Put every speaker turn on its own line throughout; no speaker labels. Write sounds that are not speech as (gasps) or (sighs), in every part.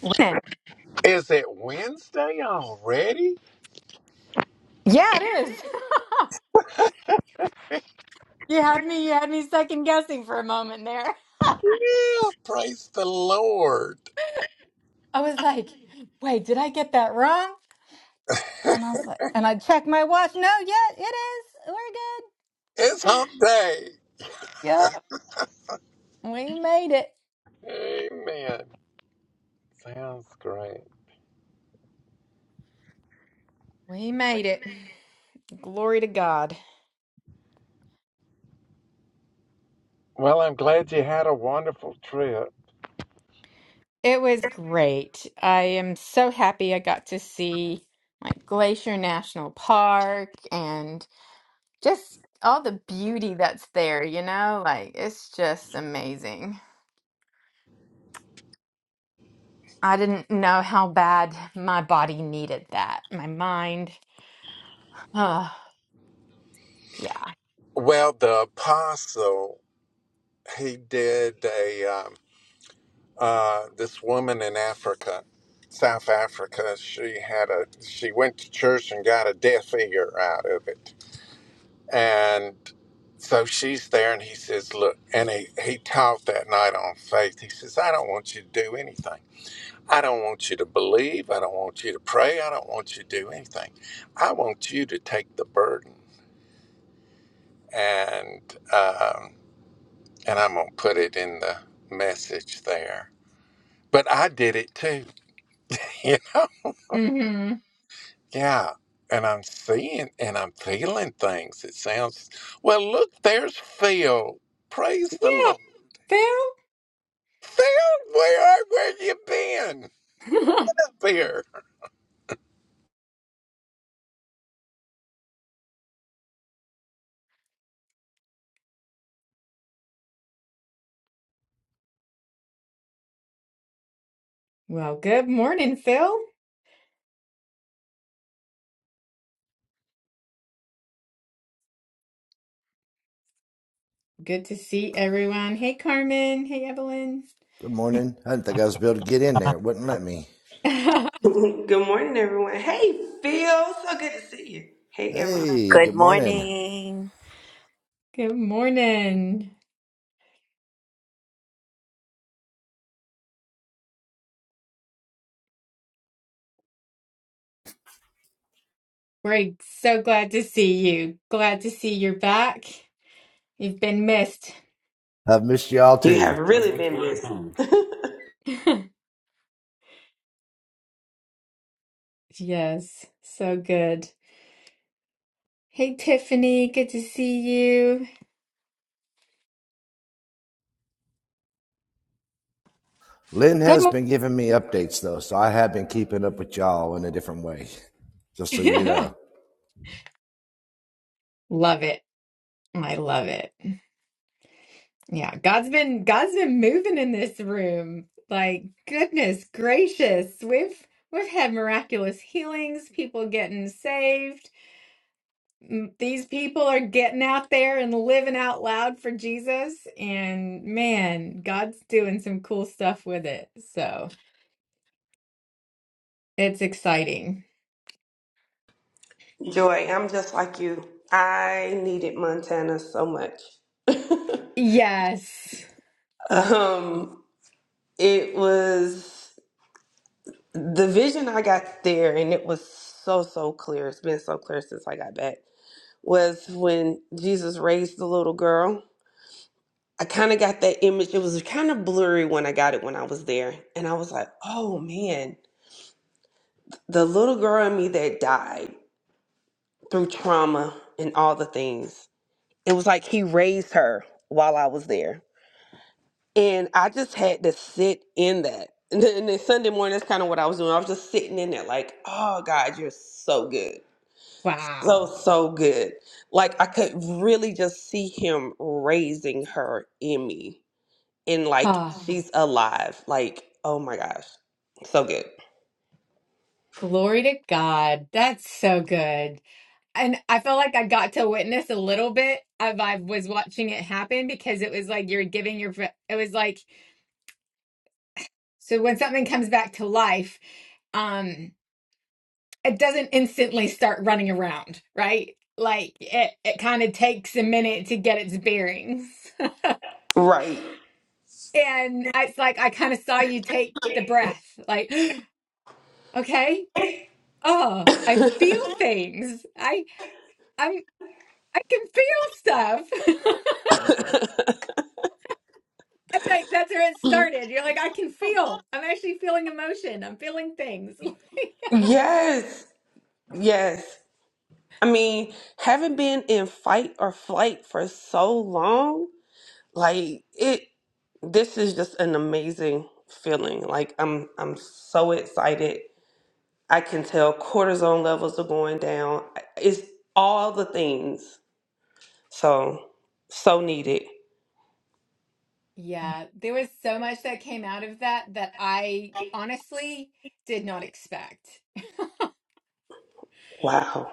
When?
Is it Wednesday already?
Yeah, it is. (laughs) You had me, you had me second guessing for a moment there.
Yeah, praise the Lord.
I was like, wait, did I get that wrong?
(laughs)
And I was like, and I checked my watch. No, yeah, it is.
It's
We're good.
hump day.
Yep, we made it.
Amen. Sounds great.
We made it. Glory to God.
Well, I'm glad you had a wonderful trip.
It was great. I am so happy I got to see like Glacier National Park and just all the beauty that's there, you know? Like, it's just amazing. I didn't know how bad my body needed that. My mind. Oh, yeah.
Well, the apostle, he did a, um, uh, this woman in Africa, South Africa, she had a, she went to church and got a deaf ear out of it. And so she's there, and he says, Look, and he, he talked that night on faith. He says, I don't want you to do anything. I don't want you to believe. I don't want you to pray. I don't want you to do anything. I want you to take the burden. And, um, and I'm going to put it in the message there. But I did it too, (laughs) you know?
hmm
Yeah. And I'm seeing and I'm feeling things. It sounds, well, look, there's Phil. Praise the
Yeah,
Lord. Phil, where are, where you been? Get
Phil.
up here.
(laughs) well, good morning, Phil. Good to see everyone. Hey, Carmen. Hey, Evelyn.
Good morning. I didn't think I was able to get in there. It wouldn't let me.
(laughs) good
(laughs) Good morning, everyone. Hey, Phil. So good to see you. Hey, Evelyn.
Hey,
Good
good morning.
morning.
morning. We're so glad to see you. Glad to see you're back. You've been missed.
I've missed y'all
You
too.
have really been going busy.
(laughs) yes, so good. Hey, Tiffany. Good to see you.
Lynn
Good
has
morning.
been giving me updates though, so I have been keeping up with y'all in a different way. Just so you
(laughs)
know.
love it. I love it. Yeah, God's been God's been moving in this room. Like goodness gracious, we've we've had miraculous healings, people getting saved. M- These people are getting out there and living out loud for Jesus, and man, God's doing some cool stuff with it. So it's exciting.
on? Joy, I'm just like you. I needed Montana so much. (laughs)
Yes.
um, it was the vision I got there, and it was so, so clear. It's been so clear since I got back. Was when Jesus raised the little girl. I kind of got that image. It was kind of blurry when I got it when I was there. And I was like, oh man, the little girl in me that died through trauma and all the things, it was like he raised her while I was there. And I just had to sit in that. (laughs) And then, and then Sunday morning, that's kind of what I was doing. I was just sitting in there, like, oh, God, you're so good. So,
Wow.
so good. Like, I could really just see him raising her in me. And, like,
Ah,
Mhm. she's alive. Like, oh my gosh, so good.
glory to God. That's so good. and I felt like I got to witness a little bit of I was watching it happen because it was like you're giving your it was like so when something comes back to life, um, it doesn't instantly start running around, right? Like it it kind of takes a minute to get its bearings. (laughs)
Right.
And it's like I kind of saw you take the breath, like, (gasps) okay, oh, I feel things. I I'm I can feel stuff. (laughs) (laughs) I think that's where it started. You're like, I can feel. I'm actually feeling emotion. I'm feeling things. (laughs)
Yes. Yes. I mean, having been in fight or flight for so long, like it this is just an amazing feeling. Like I'm I'm so excited. I can tell cortisone levels are going down. It's all the things. So so needed.
Yeah, there was so much that came out of that that I honestly did not expect.
Wow.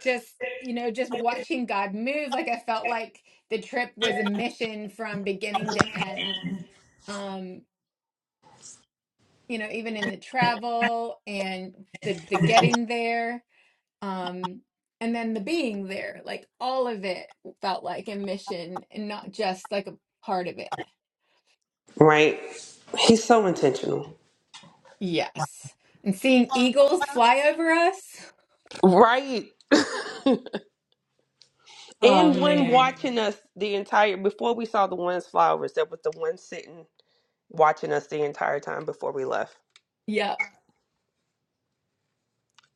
Just, you know, just watching God move, like I felt like the trip was a mission from beginning to end. Um, you know, even in the travel and the the getting there. um and then the being there like all of it felt like a mission and not just like a part of it
Right? He's so intentional.
yes and seeing eagles fly over us
Right.
oh
And when
man
watching us the entire before we saw the one's flowers, there was the one sitting watching us the entire time before we left.
yep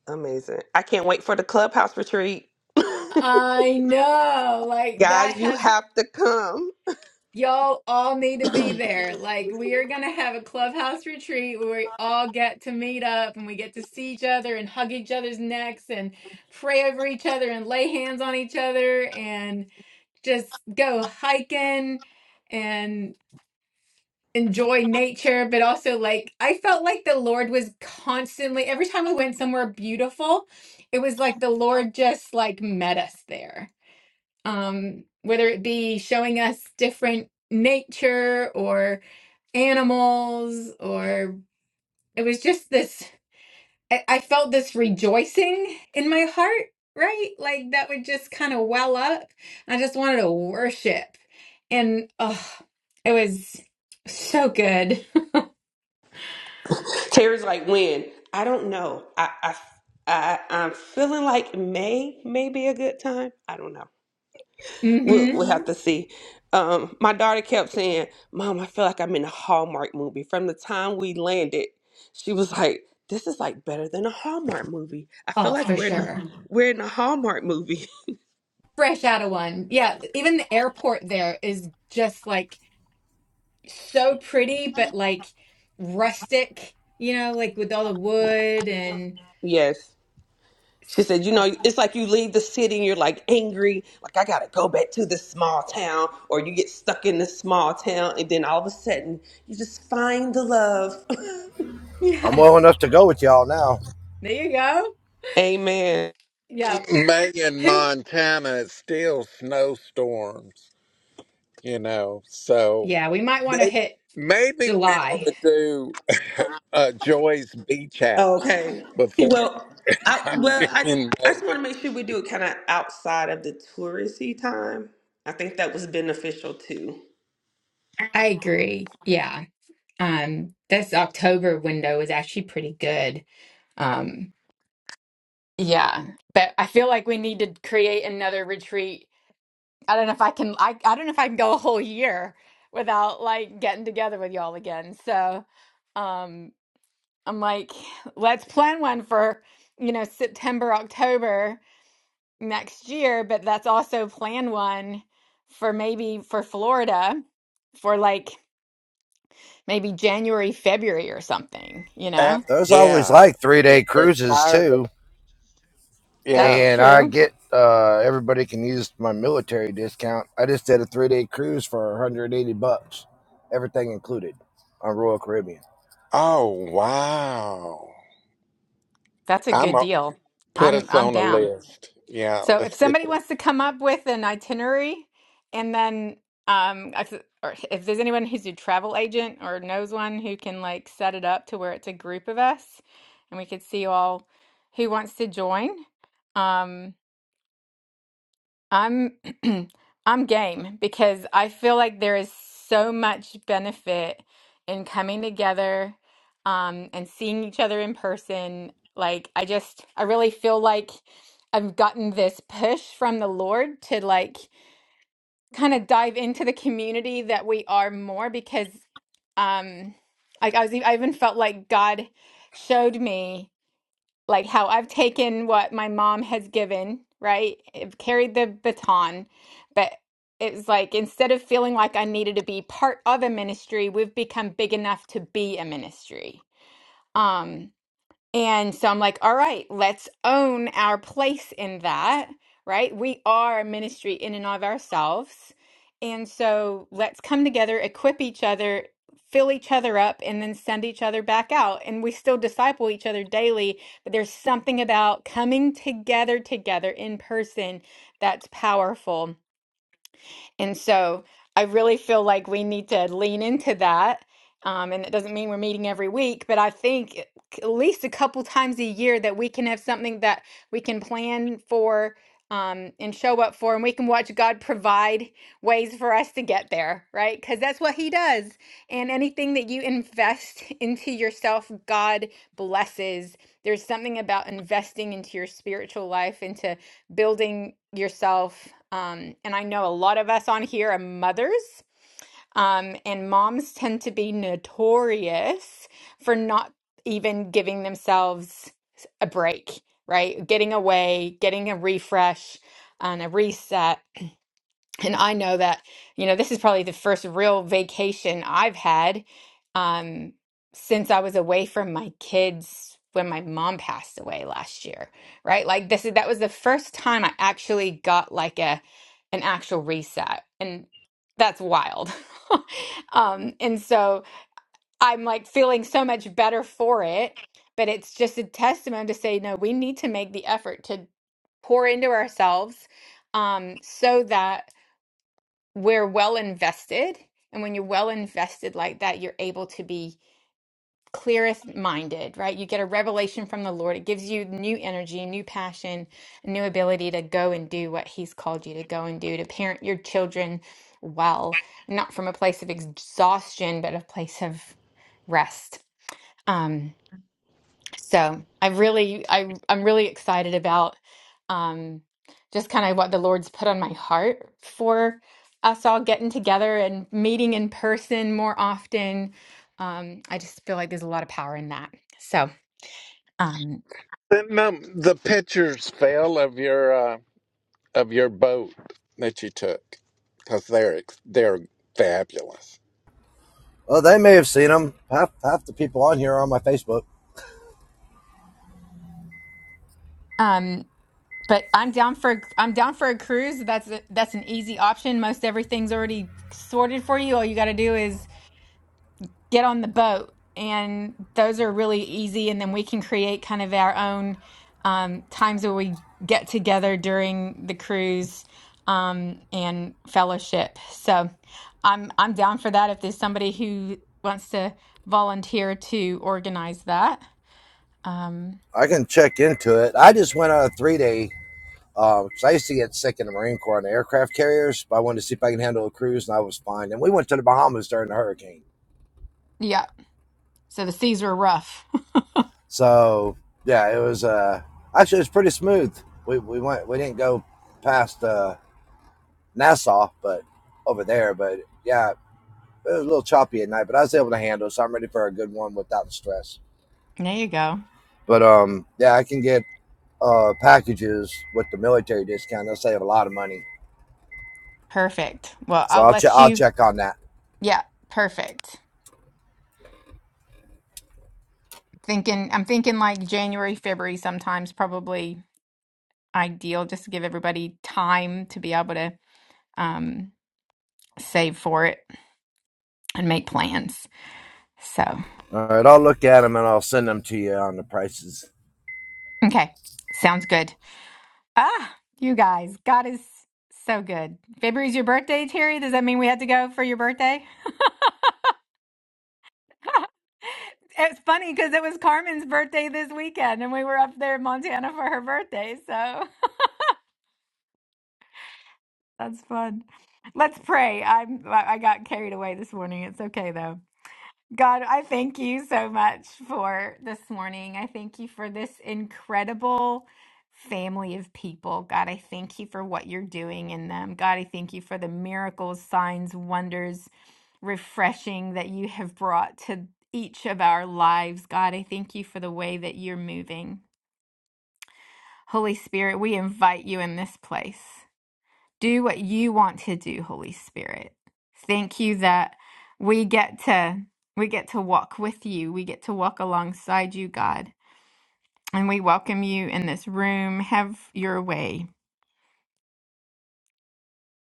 Amazing. I can't wait for the clubhouse retreat.
i know
(laughs)
like that
Guys, you
has
have to come.
y'all all need to be there like we are gonna have a clubhouse retreat where we all get to meet up and we get to see each other and hug each other's necks and pray over each other and lay hands on each other just go hiking and enjoy nature, but also like I felt like the Lord was constantly every time we went somewhere beautiful, it was like the Lord just like met us there. Um whether it be showing us different nature or animals or it was just this I, I felt this rejoicing in my heart, right? Like that would just kind of well up. I just wanted to worship. And oh, it was so good.
Terry's like, when? I don't know. I, I, I, I'm feeling like May may be a good time. I don't know.
(laughs)
We'll,
hmm
we'll hmm have Mhm. to see. Um, my daughter kept saying, Mom, I feel like I'm in a Hallmark movie. From the time we landed, she was like, This is like better than a Hallmark movie. I feel
Oh,
like
for
we're in a,
sure.
(laughs) we're in a Hallmark movie. (laughs)
Fresh out of one. Yeah, even the airport there is just like so pretty, but like rustic, you know, like with all the wood and
Yes. She said, you
oh,
know, it's like you leave the city and you're like angry, like I gotta go back to this small town, or you get stuck in this small town, and then all of a sudden you just find the love. (laughs)
(laughs)
I'm
yes.
well enough to go with y'all now.
There you go.
Amen.
Yeah.
Maine,
Who?
Montana, is still snowstorms, you know. So
Yeah, we might want to
may,
hit
maybe we ought
July.
to do (laughs) uh, Joy's Beach House
Okay.
(laughs)
before
Well,
(laughs)
I well I
in
I
May.
just want to make sure we do it kind of outside of the touristy time. I think that was beneficial too.
I agree. Yeah. Um, this October window is actually pretty good. Um, yeah. But I feel like we need to create another retreat. I don't know if I can I, I don't know if I can go a whole year without like getting together with y'all again. So um I'm like, let's plan one for, you know, September, October next year, but that's also plan one for maybe for Florida for like maybe January, February or something, you
Af-
know?
There's always
yeah,
like three
we're,
day
we're
cruises
tired of
too.
yeah.
That's
And I
true.
get uh everybody can use my military discount. I just did a three day cruise for 180 bucks. Everything included on Royal Caribbean.
Oh wow!
That's a
I'm
good
gonna
deal.
put
I'm
us
I'm
on a
down.
list. Yeah,
So if
let's get
somebody
this.
wants to come up with an itinerary and then um if, or if there's anyone who's a travel agent or knows one who can like set it up to where it's a group of us and we could see all who wants to join. Um I'm (clears throat) I'm game because I feel like there is so much benefit in coming together um, and seeing each other in person. Like I just I really feel like I've gotten this push from the Lord to like kind of dive into the community that we are more because um like I was e- I even felt like God showed me like how I've taken what my mom has given, right? I've carried the baton, but it was like instead of feeling like I needed to be part of a ministry, we've become big enough to be a ministry. Um, and so I'm like, all right, let's own our place in that, right? We are a ministry in and of ourselves. And so let's come together, equip each other, fill each other up, and then send each other back out. And we still disciple each other daily, but there's something about coming together, together in person that's powerful. And so I really feel like we need to lean into that. Um, and it doesn't mean we're meeting every week, but I think it- at least a couple times a year that we can have something that we can plan for um, and show up for, and we can watch God provide ways for us to get there, right? Because that's what He does. And anything that you invest (laughs) into yourself, God blesses. There's something about investing into your spiritual life, into building yourself. Um, and I know a lot of us on here are mothers, um, and moms tend to be notorious for not even giving themselves a break, right? Getting away, getting a refresh and a reset and I know that, you know, this is probably the first real vacation I've had um, since I was away from my kids when my mom passed away last year, right? Like this is that was the first time I actually got like a an actual reset. And that's wild. (laughs) Um, and so I'm like feeling so much better for it, but it's just a testament to say, no, we need to make the effort to pour into ourselves um, so that we're well invested. And when you're well invested like that, you're able to be clearest minded, right? You get a revelation from the Lord. It gives you new energy, new passion, a new ability to go and do what He's called you to go and do, to parent your children well, not from a place of exhaustion, but a place of rest. Um, so I really, I I'm really excited about um, just kind of what the Lord's put on my heart for us all getting together and meeting in person more often. Um, I just feel like there's a lot of power in that. So, um,
The, num- the pictures, Phil, of your. Uh, of your boat that you took because they're ex- they're fabulous.
Well, they may have seen them. Half half the people on here are on my Facebook.
um, but I'm down for a- I'm down for a cruise. That's a, that's an easy option. Most everything's already sorted for you. All you got to do is get on the boat and those are really easy and then we can create kind of our own um, times where we get together during the cruise um, and fellowship so i'm i'm down for that if there's somebody who wants to volunteer to organize that um,
I can check into it. I just went on a three day. Um, 'cause I used to get sick in the Marine Corps on the aircraft carriers, but I wanted to see if I can handle a cruise, and I was fine. And we went to the Bahamas during the hurricane.
yeah so the seas were rough
So yeah, it was uh, actually it was pretty smooth. We we went we didn't go past uh, Nassau, but over there, but yeah, it was a little choppy at night, but I was able to handle. it, So I'm ready for a good one without the stress.
(laughs) there you go
But um, yeah, I can get uh packages with the military discount. They'll save a lot of money.
perfect well
So
i'll
I'll check.
let
I'll
you
check on that.
yeah perfect thinking i'm thinking like january february sometimes probably ideal just to give everybody time to be able to um, save for it and make plans. So,
All right, I'll look at them and I'll send them to you on the prices.
okay, sounds good. Ah, you guys, God is so good. February's your birthday, Terry. Does that mean we had to go for your birthday? It's funny because it was Carmen's birthday this weekend and we were up there in Montana for her birthday. So (laughs) that's fun. Let's pray. I'm I I got carried away this morning. It's okay though. God, I thank you so much for this morning. I thank you for this incredible family of people. God, I thank you for what you're doing in them. God, I thank you for the miracles, signs, wonders, refreshing that you have brought to each of our lives. God, I thank you for the way that you're moving. Holy Spirit, we invite you in this place. Do what you want to do, Holy Spirit. Thank you that we get to we get to walk with you. We get to walk alongside you, God. And we welcome you in this room. Have your way.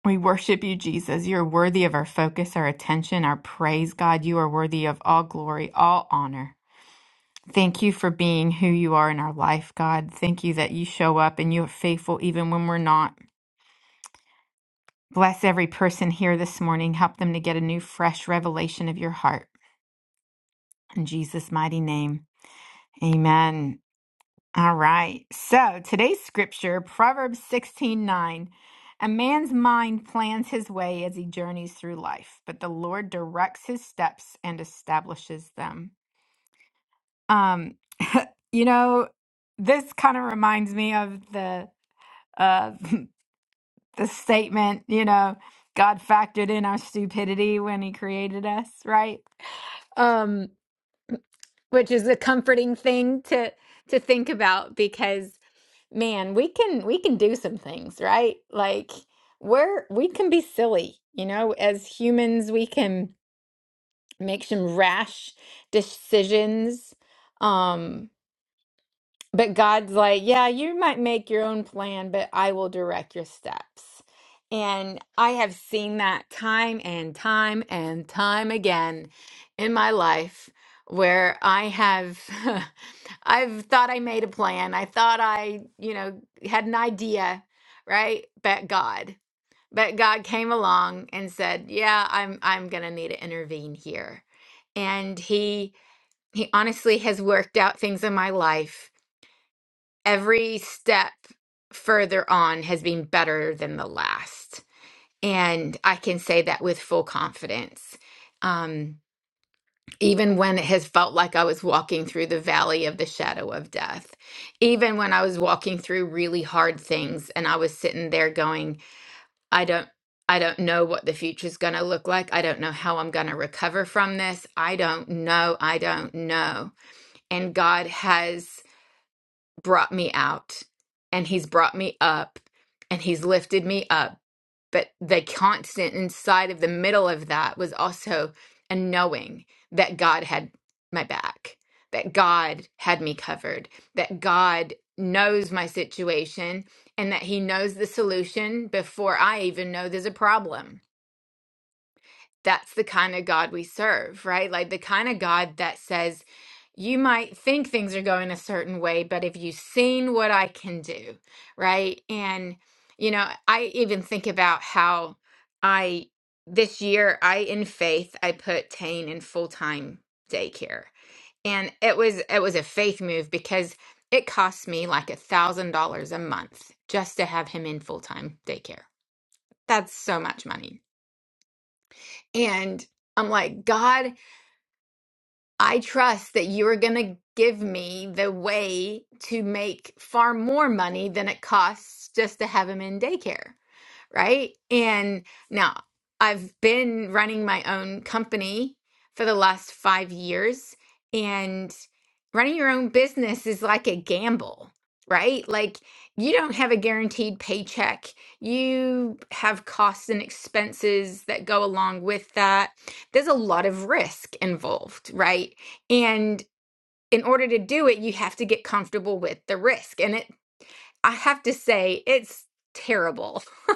We worship you, Jesus. You're worthy of our focus, our attention, our praise, God. You are worthy of all glory, all honor. Thank you for being who you are in our life, God. Thank you that you show up and you're faithful even when we're not. Bless every person here this morning. Help them to get a new, fresh revelation of your heart. In Jesus' mighty name. Amen. All right. So today's scripture, Proverbs sixteen nine, A man's mind plans his way as he journeys through life, but the Lord directs his steps and establishes them. Um, (laughs) you know, this kind of reminds me of the uh (laughs) the statement, you know, God factored in our stupidity when he created us, right? Um which is a comforting thing to to think about because man we can we can do some things right like we're we can be silly you know as humans we can make some rash decisions um but God's like, yeah, you might make your own plan, but I will direct your steps. And I have seen that time and time and time again in my life where I have (laughs) I've thought I made a plan. I thought I, you know, had an idea, right? But God, but God came along and said, "Yeah, I'm I'm going to need to intervene here." And he he honestly has worked out things in my life every step further on has been better than the last. And I can say that with full confidence. Um, even when it has felt like I was walking through the valley of the shadow of death, even when I was walking through really hard things and I was sitting there going, I don't. I don't know what the future's going to look like. I don't know how I'm going to recover from this. I don't know. I don't know. And God has brought me out and he's brought me up and he's lifted me up. But the constant inside of the middle of that was also a knowing that God had my back, that God had me covered, that God knows my situation and that he knows the solution before I even know there's a problem that's the kind of God we serve, right? Like the kind of God that says, you might think things are going a certain way, but have you seen what I can do, right? And, you know, I even think about how I, this year, I, in faith, I put Tane in full time daycare. And it was, it was a faith move because it cost me like a thousand dollars a month just to have him in full time daycare. That's so much money. And I'm like, God, I trust that you are going to give me the way to make far more money than it costs just to have him in daycare right? And now I've been running my own company for the last five years, and running your own business is like a gamble, right? Like you don't have a guaranteed paycheck, you have costs and expenses that go along with that. There's a lot of risk involved, right? And in order to do it, you have to get comfortable with the risk. And it I have to say, it's terrible. (laughs)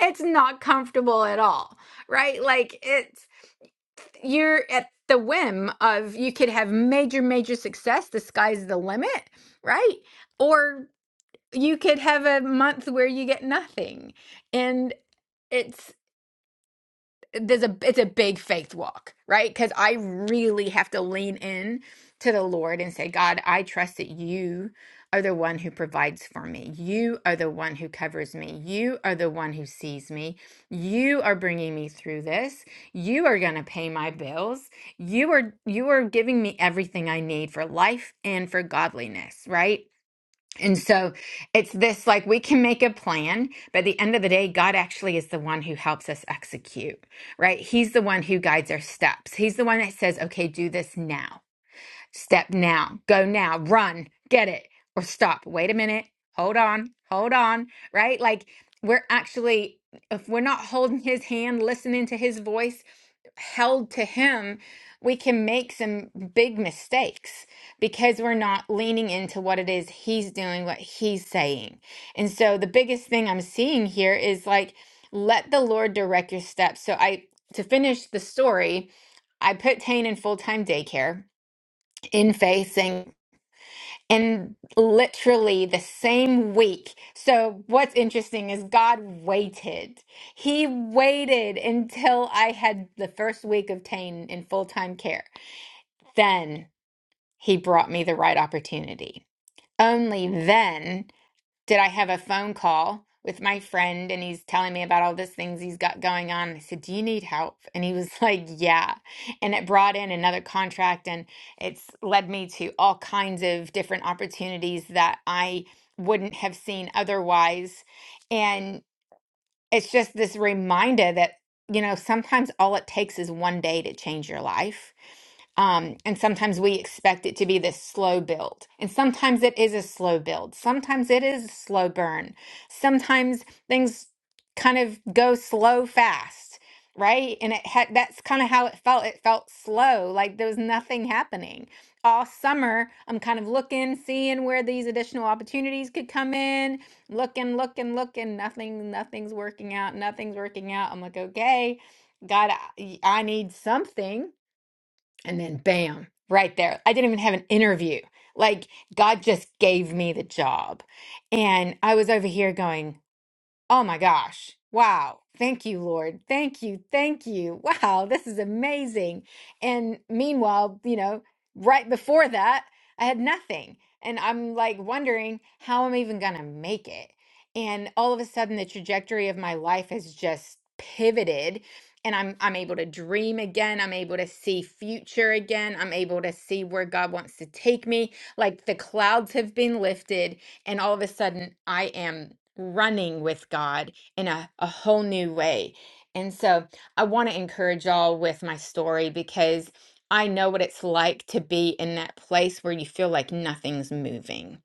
it's not comfortable at all, right? Like, it's you're at the whim of you could have major, major success. The sky's the limit, right? Or you could have a month where you get nothing. And it's there's a it's a big faith walk, right? Because I really have to lean in to the Lord and say, God, I trust that you are the one who provides for me. You are the one who covers me. You are the one who sees me. You are bringing me through this. You are going to pay my bills. You are you are giving me everything I need for life and for godliness, right? And so it's this like we can make a plan, but at the end of the day, God actually is the one who helps us execute, right? He's the one who guides our steps. He's the one that says, okay, do this now. Step now, go now, run, get it, or stop. Wait a minute, hold on, hold on, right? Like we're actually, if we're not holding his hand, listening to his voice, held to him, we can make some big mistakes because we're not leaning into what it is he's doing, what he's saying. And so the biggest thing I'm seeing here is like, let the Lord direct your steps. So I, to finish the story, I put Tane in full time daycare in facing in literally the same week. So what's interesting is God waited. He waited until I had the first week of Tane in full-time care. Then he brought me the right opportunity. Only then did I have a phone call with my friend and he's telling me about all these things he's got going on. And I said, Do you need help? And he was (laughs) like, Yeah. And it brought in another contract and it's led me to all kinds of different opportunities that I wouldn't have seen otherwise. And it's just this reminder that, you know, sometimes all it takes is one day to change your life um, and sometimes we expect it to be this slow build. And sometimes it is a slow build. Sometimes it is a slow burn. Sometimes things kind of go slow fast, right? And it had that's kind of how it felt. It felt slow, like there was nothing happening. All summer, I'm kind of looking, seeing where these additional opportunities could come in, looking, looking, looking, nothing, nothing's working out, nothing's working out. I'm like, okay, God, I I need something and then bam, right there. I didn't even have an interview. Like God just gave me the job. And I was over here going, Oh my gosh. Wow. Thank you, Lord. Thank you. Thank you. (laughs) Wow. This is amazing. And meanwhile, you know, right before that, I had nothing. And I'm like wondering how I'm even going to make it. And all of a sudden the trajectory of my life has just pivoted and I'm I'm able to dream again. I'm able to see future again. I'm able to see where God wants to take me. Like the clouds have been lifted and all of a sudden I am running with God in a, a whole new way. And so I want to encourage y'all with my story because I know what it's like to be in that place where you feel like nothing's moving,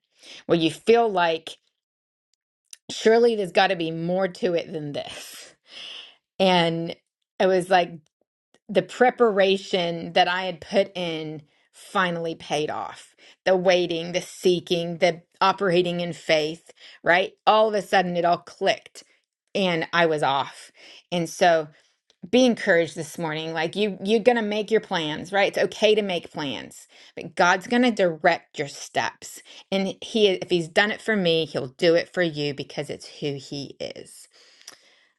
where you feel like surely there's got to be more to it than this. And it was like the preparation that I had put in finally paid off. The waiting, the seeking, the operating in faith, right? All of a sudden it all clicked and I was off. And so be encouraged this morning. Like you you're going to make your plans, right? It's okay to make plans. But God's going to direct your steps. And he if he's done it for me, he'll do it for you because it's who he is.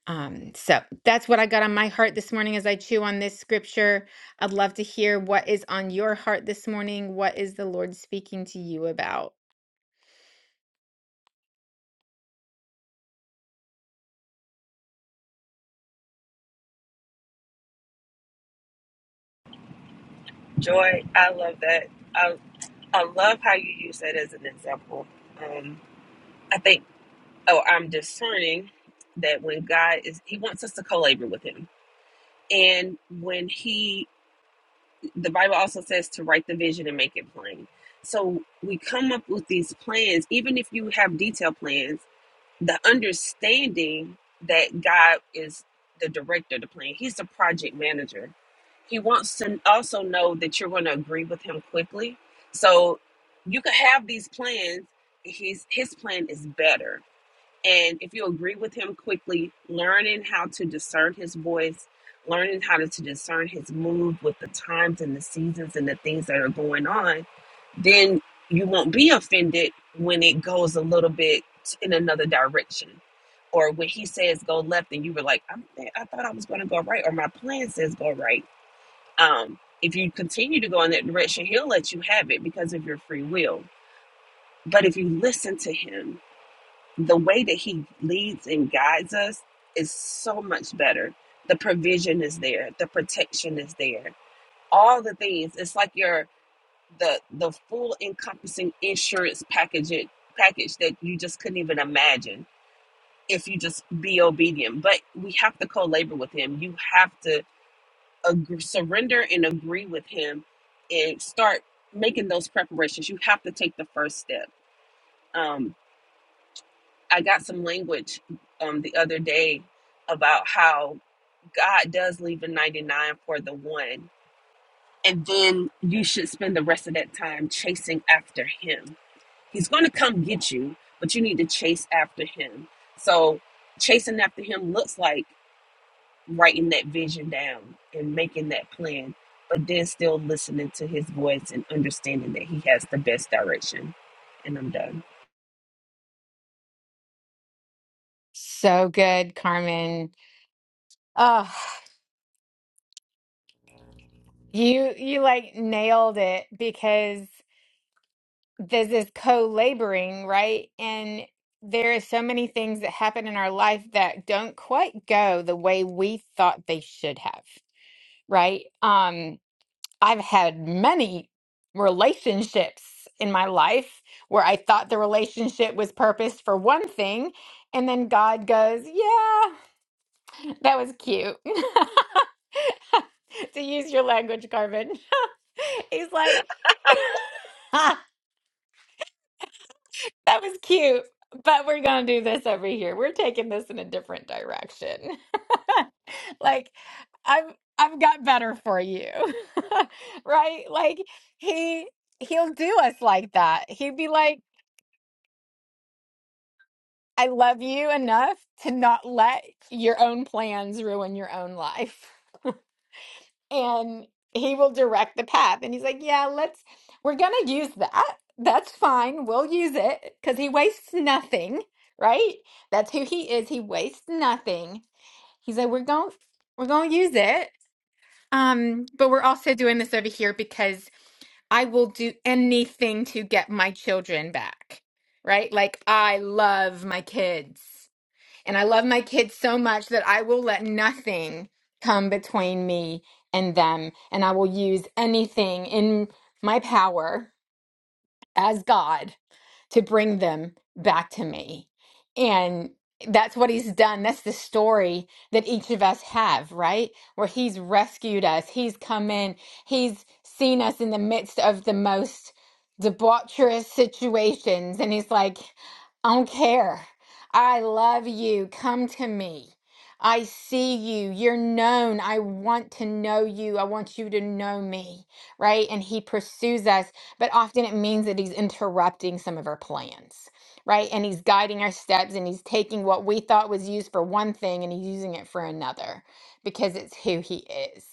Um, so that's what I got on my heart this morning as I chew on this scripture. I'd love to hear what is on your heart this morning. What is the Lord speaking to you about?
Joy, I love that. I I love how you use that as an example. Um, I think. oh, I'm discerning that when God is, He wants us to co labor with Him. And when He, the Bible also says to write the vision and make it plain. So we come up with these plans, even if you have detailed plans, the understanding that God is the director of the plan, He's the project manager. He wants to also know that you're going to agree with Him quickly. So you could have these plans. His, his plan is better and if you agree with him quickly, learning how to discern his voice, learning how to, to discern his move with the times and the seasons and the things that are going on, then you won't be offended when it goes a little bit in another direction. Or when he says go left and you were like, I'm, I thought I was going to go right, or my plan says go right. Um, if you continue to go in that direction, he'll let you have it because of your free will. But if you listen to him the way that he leads and guides us is so much better. The provision is there, the protection is there. All the things. It's like your the the full encompassing insurance package it- package that you just couldn't even imagine if you just be obedient. But we have to co-labor with him. You have to agree, surrender and agree with him and start making those preparations. You have to take the first step. Um, I got some language um, the other day about how God does leave the 99 for the one. And then you should spend the rest of that time chasing after him. He's going to come get you, but you need to chase after him. So, chasing after him looks like writing that vision down and making that plan, but then still listening to his voice and understanding that he has the best direction. And I'm done.
So good, Carmen. Oh, you you like nailed it because this is co-laboring, right? And there are so many things that happen in our life that don't quite go the way we thought they should have, right? Um. I've had many relationships in my life where I thought the relationship was purposed for one thing, and then God goes, Yeah, (laughs) that was cute. (laughs) to use your language, Carmen. (laughs) He's like, "Ha, That was cute, but we're going to do this over here. We're taking this in a different direction. (laughs) like, I've I've got better for you. (laughs) right? Like he he'll do us like that. He'd be like, I love you enough to not let your own plans ruin your own life. And he will direct the path. And he's like, Yeah, let's, we're going to use that. That's fine. We'll use it because he wastes nothing, right? That's who he is. He wastes nothing. He's like, We're going, we're going to use it. Um, but we're also doing this over here because I will do anything to get my children back, right? Like, I love my kids. And I love my kids so much that I will let nothing come between me and them. And I will use anything in my power as God to bring them back to me. And that's what he's done. That's the story that each of us have, right? Where he's rescued us, he's come in, he's seen us in the midst of the most debaucherous situations. And he's like, I don't care. I love you. Come to me. I see you. You're known. I want to know you. I want you to know me, right? And he pursues us but often it means that he's interrupting some of our plans, right? And he's guiding our steps and he's taking what we thought was used for one thing and he's using it for another because it's who he is.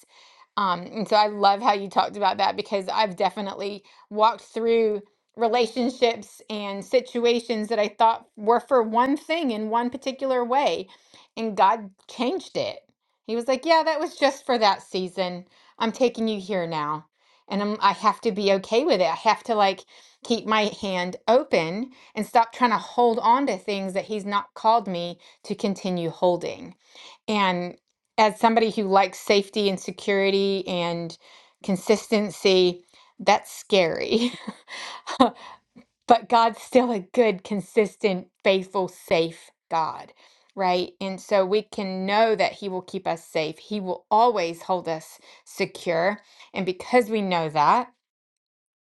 Um, and so I love how you talked about that because I've definitely walked through relationships and situations that I thought were for one thing in one particular way, and God changed it. He was like, Yeah, that was just for that season. I'm taking you here now and I'm, I have to be okay with it. I have to like keep my hand open and stop trying to hold on to things that he's not called me to continue holding. And as somebody who likes safety and security and consistency, that's scary. (laughs) but God's still a good, consistent, faithful, safe God. Right. And so we can know that He will keep us safe. He will always hold us secure. And because we know that,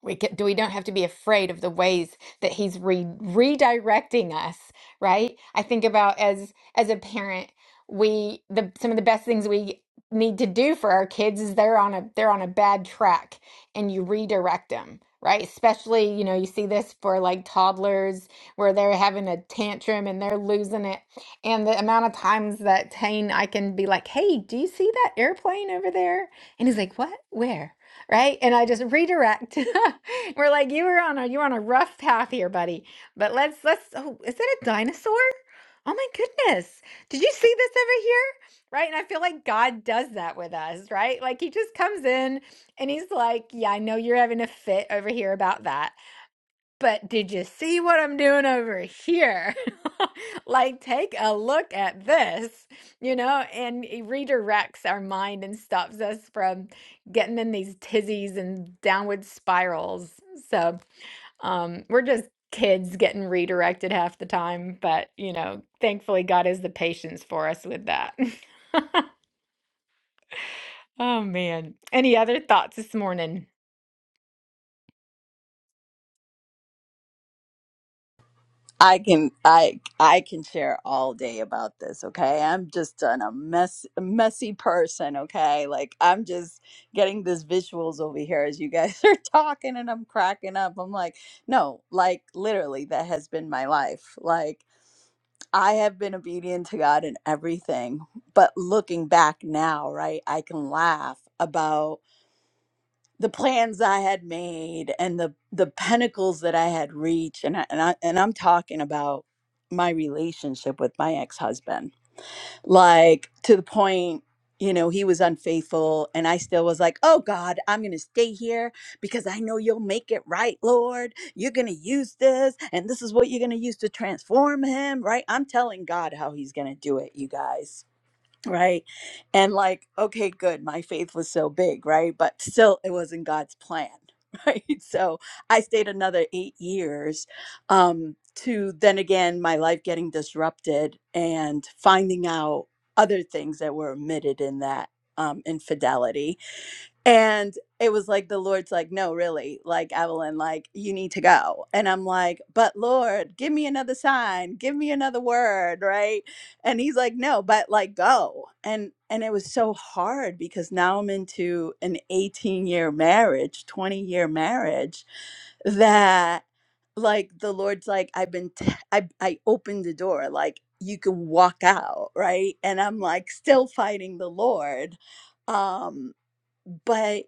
we can, do we don't have to be afraid of the ways that he's re- redirecting us, right? I think about as as a parent, we the some of the best things we need to do for our kids is they're on a they're on a bad track and you redirect them, right? Especially, you know, you see this for like toddlers where they're having a tantrum and they're losing it. And the amount of times that Tane I can be like, "Hey, do you see that airplane over there?" And he's like, "What? Where?" right? And I just redirect. (laughs) We're like, you were on a you were on a rough path here, buddy. But let's let's. Oh, is that a dinosaur? Oh my goodness! Did you see this over here? Right? And I feel like God does that with us, right? Like He just comes in and He's like, yeah, I know you're having a fit over here about that but did you see what I'm doing over here? (laughs) like, take a look at this, you know, and it redirects our mind and stops us from getting in these tizzies and downward spirals. So, um, we're just kids getting redirected half the time, but you know, thankfully, God has the patience for us with that. (laughs) oh man. Any other thoughts this morning?
I can I I can share all day about this, okay? I'm just an, a mess a messy person, okay? Like I'm just getting this visuals over here as you guys (laughs) are talking and I'm cracking up. I'm like, no, like literally that has been my life. Like I have been obedient to God in everything, but looking back now, right? I can laugh about the plans I had made and the the pinnacles that I had reached and I, and I and I'm talking about my relationship with my ex-husband like to the point you know he was unfaithful and I still was like oh god I'm going to stay here because I know you'll make it right lord you're going to use this and this is what you're going to use to transform him right I'm telling God how he's going to do it you guys right and like okay good my faith was so big right but still it wasn't god's plan (laughs) right so i stayed another eight years um to then again my life getting disrupted and finding out other things that were omitted in that um, infidelity and it was like the Lord's like, no, really, like Evelyn, like you need to go. And I'm like, but Lord, give me another sign, give me another word, right? And he's like, no, but like go. And and it was so hard because now I'm into an 18 year marriage, 20 year marriage that like the lord's like i've been t- I, I opened the door like you can walk out right and i'm like still fighting the lord um but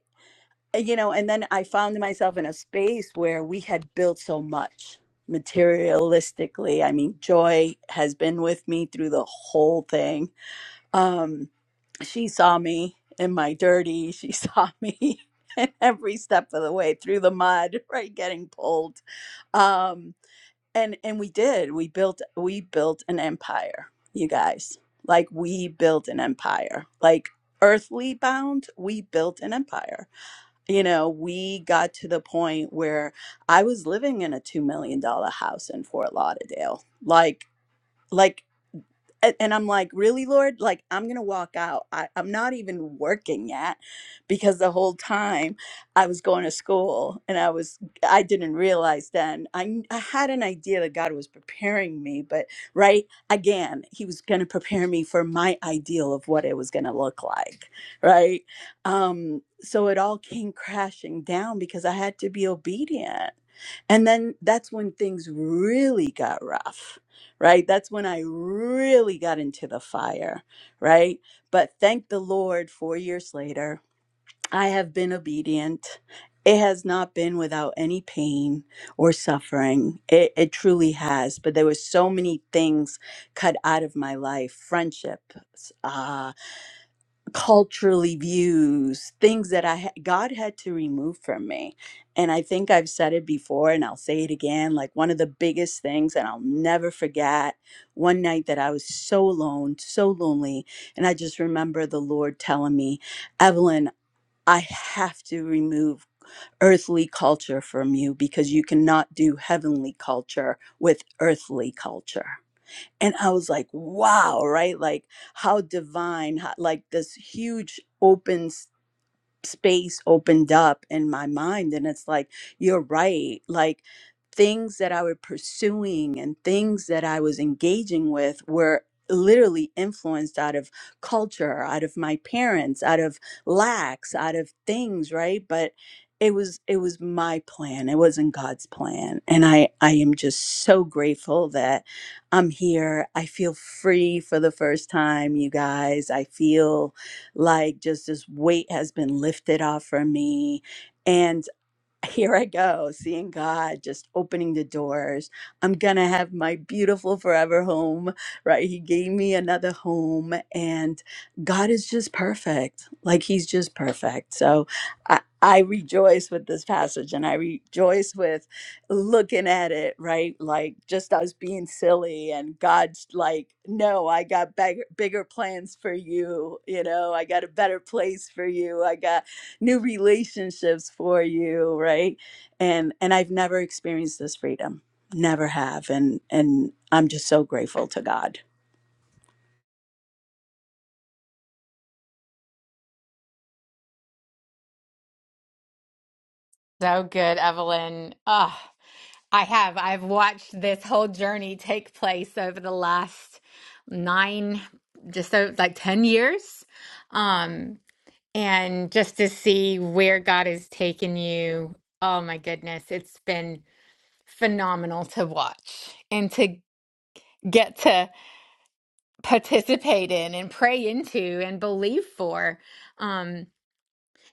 you know, and then I found myself in a space where we had built so much materialistically. I mean, Joy has been with me through the whole thing. Um, she saw me in my dirty, she (laughs) saw me in every step of the way through the mud, (laughs) right, getting pulled. Um, and and we did. We built we built an empire, you guys. Like we built an empire. Like earthly bound, we built an empire you know, we got to the point where I was living in a two million dollar house in Fort Lauderdale. Like, like a- and I'm like, really, Lord? Like, I'm gonna walk out. I, I'm not even working yet because the whole time I was going to school and I was, I didn't realize then. I, kn- I had an idea that God was preparing me, but right again, He was gonna prepare me for my ideal of what it was gonna look like, right? Um, so it all came crashing down because I had to be obedient. And then that's when things really got rough right? That's when I really got into the fire, right? But thank the Lord, four years later, I have been obedient. It has not been without any pain or suffering. It, it truly has. But there were so many things cut out of my life friendships, ah, culturally views things that i ha- god had to remove from me and i think i've said it before and i'll say it again like one of the biggest things and i'll never forget one night that i was so alone so lonely and i just remember the lord telling me evelyn i have to remove earthly culture from you because you cannot do heavenly culture with earthly culture and i was like wow right like how divine how, like this huge open space opened up in my mind and it's like you're right like things that i were pursuing and things that i was engaging with were literally influenced out of culture out of my parents out of lacks out of things right but it was it was my plan it wasn't god's plan and i i am just so grateful that i'm here i feel free for the first time you guys i feel like just this weight has been lifted off from me and here I go, seeing God just opening the doors. I'm gonna have my beautiful forever home, right? He gave me another home, and God is just perfect. Like He's just perfect. So I, I rejoice with this passage, and I rejoice with looking at it, right? Like just us being silly, and God's like, "No, I got bigger, bigger plans for you. You know, I got a better place for you. I got." new relationships for you right and and i've never experienced this freedom never have and and i'm just so grateful to god
So good, Evelyn. Ah, I have. I've watched this whole journey take place over the last nine, just so, like 10 years. Um, and just to see where God has taken you, oh my goodness, it's been phenomenal to watch and to get to participate in and pray into and believe for. Um,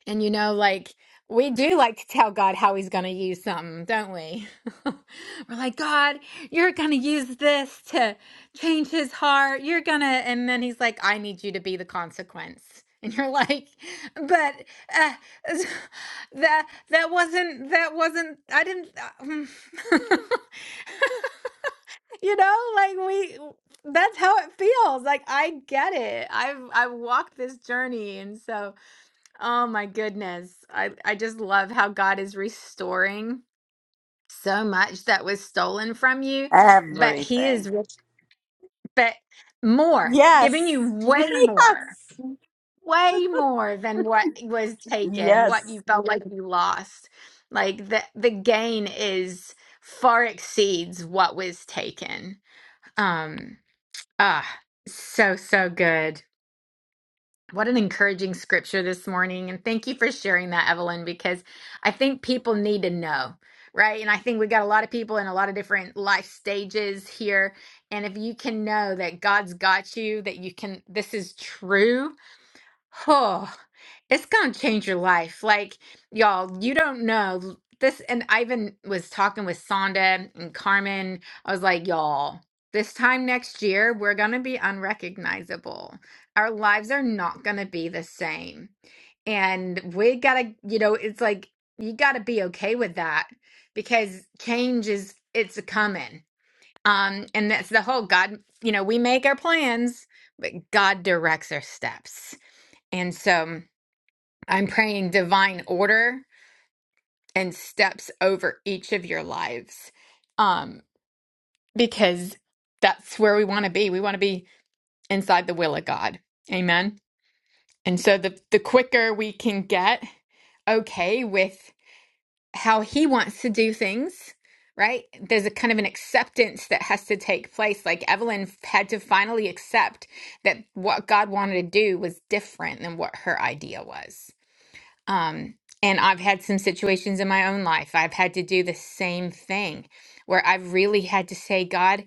and you know, like we do like to tell God how he's going to use something, don't we? (laughs) We're like, God, you're going to use this to change his heart. You're going to, and then he's like, I need you to be the consequence. (laughs) And you're like, but uh, (laughs) that that wasn't that wasn't I didn't uh, mm." (laughs) you know like we that's how it feels like I get it I've I've walked this journey and so Oh my goodness. I, I just love how God is restoring so much that was stolen from you, but he
everything
is rich, but more,
yes
giving you
(laughs)
way more,
yes
way more than what was taken,
yes
what you felt like you lost. Like the the gain is far exceeds what was taken. Um ah so so good. What an encouraging scripture this morning. And thank you for sharing that, Evelyn, because I think people need to know, right? And I think we got a lot of people in a lot of different life stages here. And if you can know that God's got you, that you can, this is true, Oh, it's gonna change your life. Like, y'all, you don't know this. And I even was talking with Sonda and Carmen. I was like, y'all, this time next year, we're gonna be unrecognizable. Our lives are not gonna be the same. And we gotta, you know, it's like you gotta be okay with that because change is it's coming. Um, and that's the whole God, you know, we make our plans, but God directs our steps. And so I'm praying divine order and steps over each of your lives um, because that's where we want to be. We want to be inside the will of God. Amen. And so the, the quicker we can get okay with how He wants to do things, right? There's a kind of an acceptance that has to take place. Like Evelyn had to finally accept that what God wanted to do was different than what her idea was Um, and I've had some situations in my own life. I've had to do the same thing where I've really had to say, God,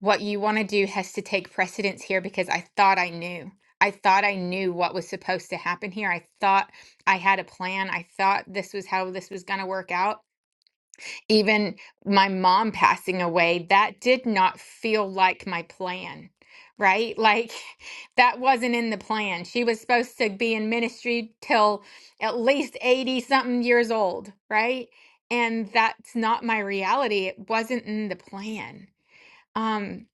what you want to do has to take precedence here because I thought I knew. I thought I knew what was supposed to happen here. I thought I had a plan. I thought this was how this was going to work out even my mom passing away, that did not feel like my plan, right? Like (laughs) that wasn't in the plan. She was supposed to be in ministry till at least 80 something years old, right? And that's not my reality. It wasn't in the plan. Um,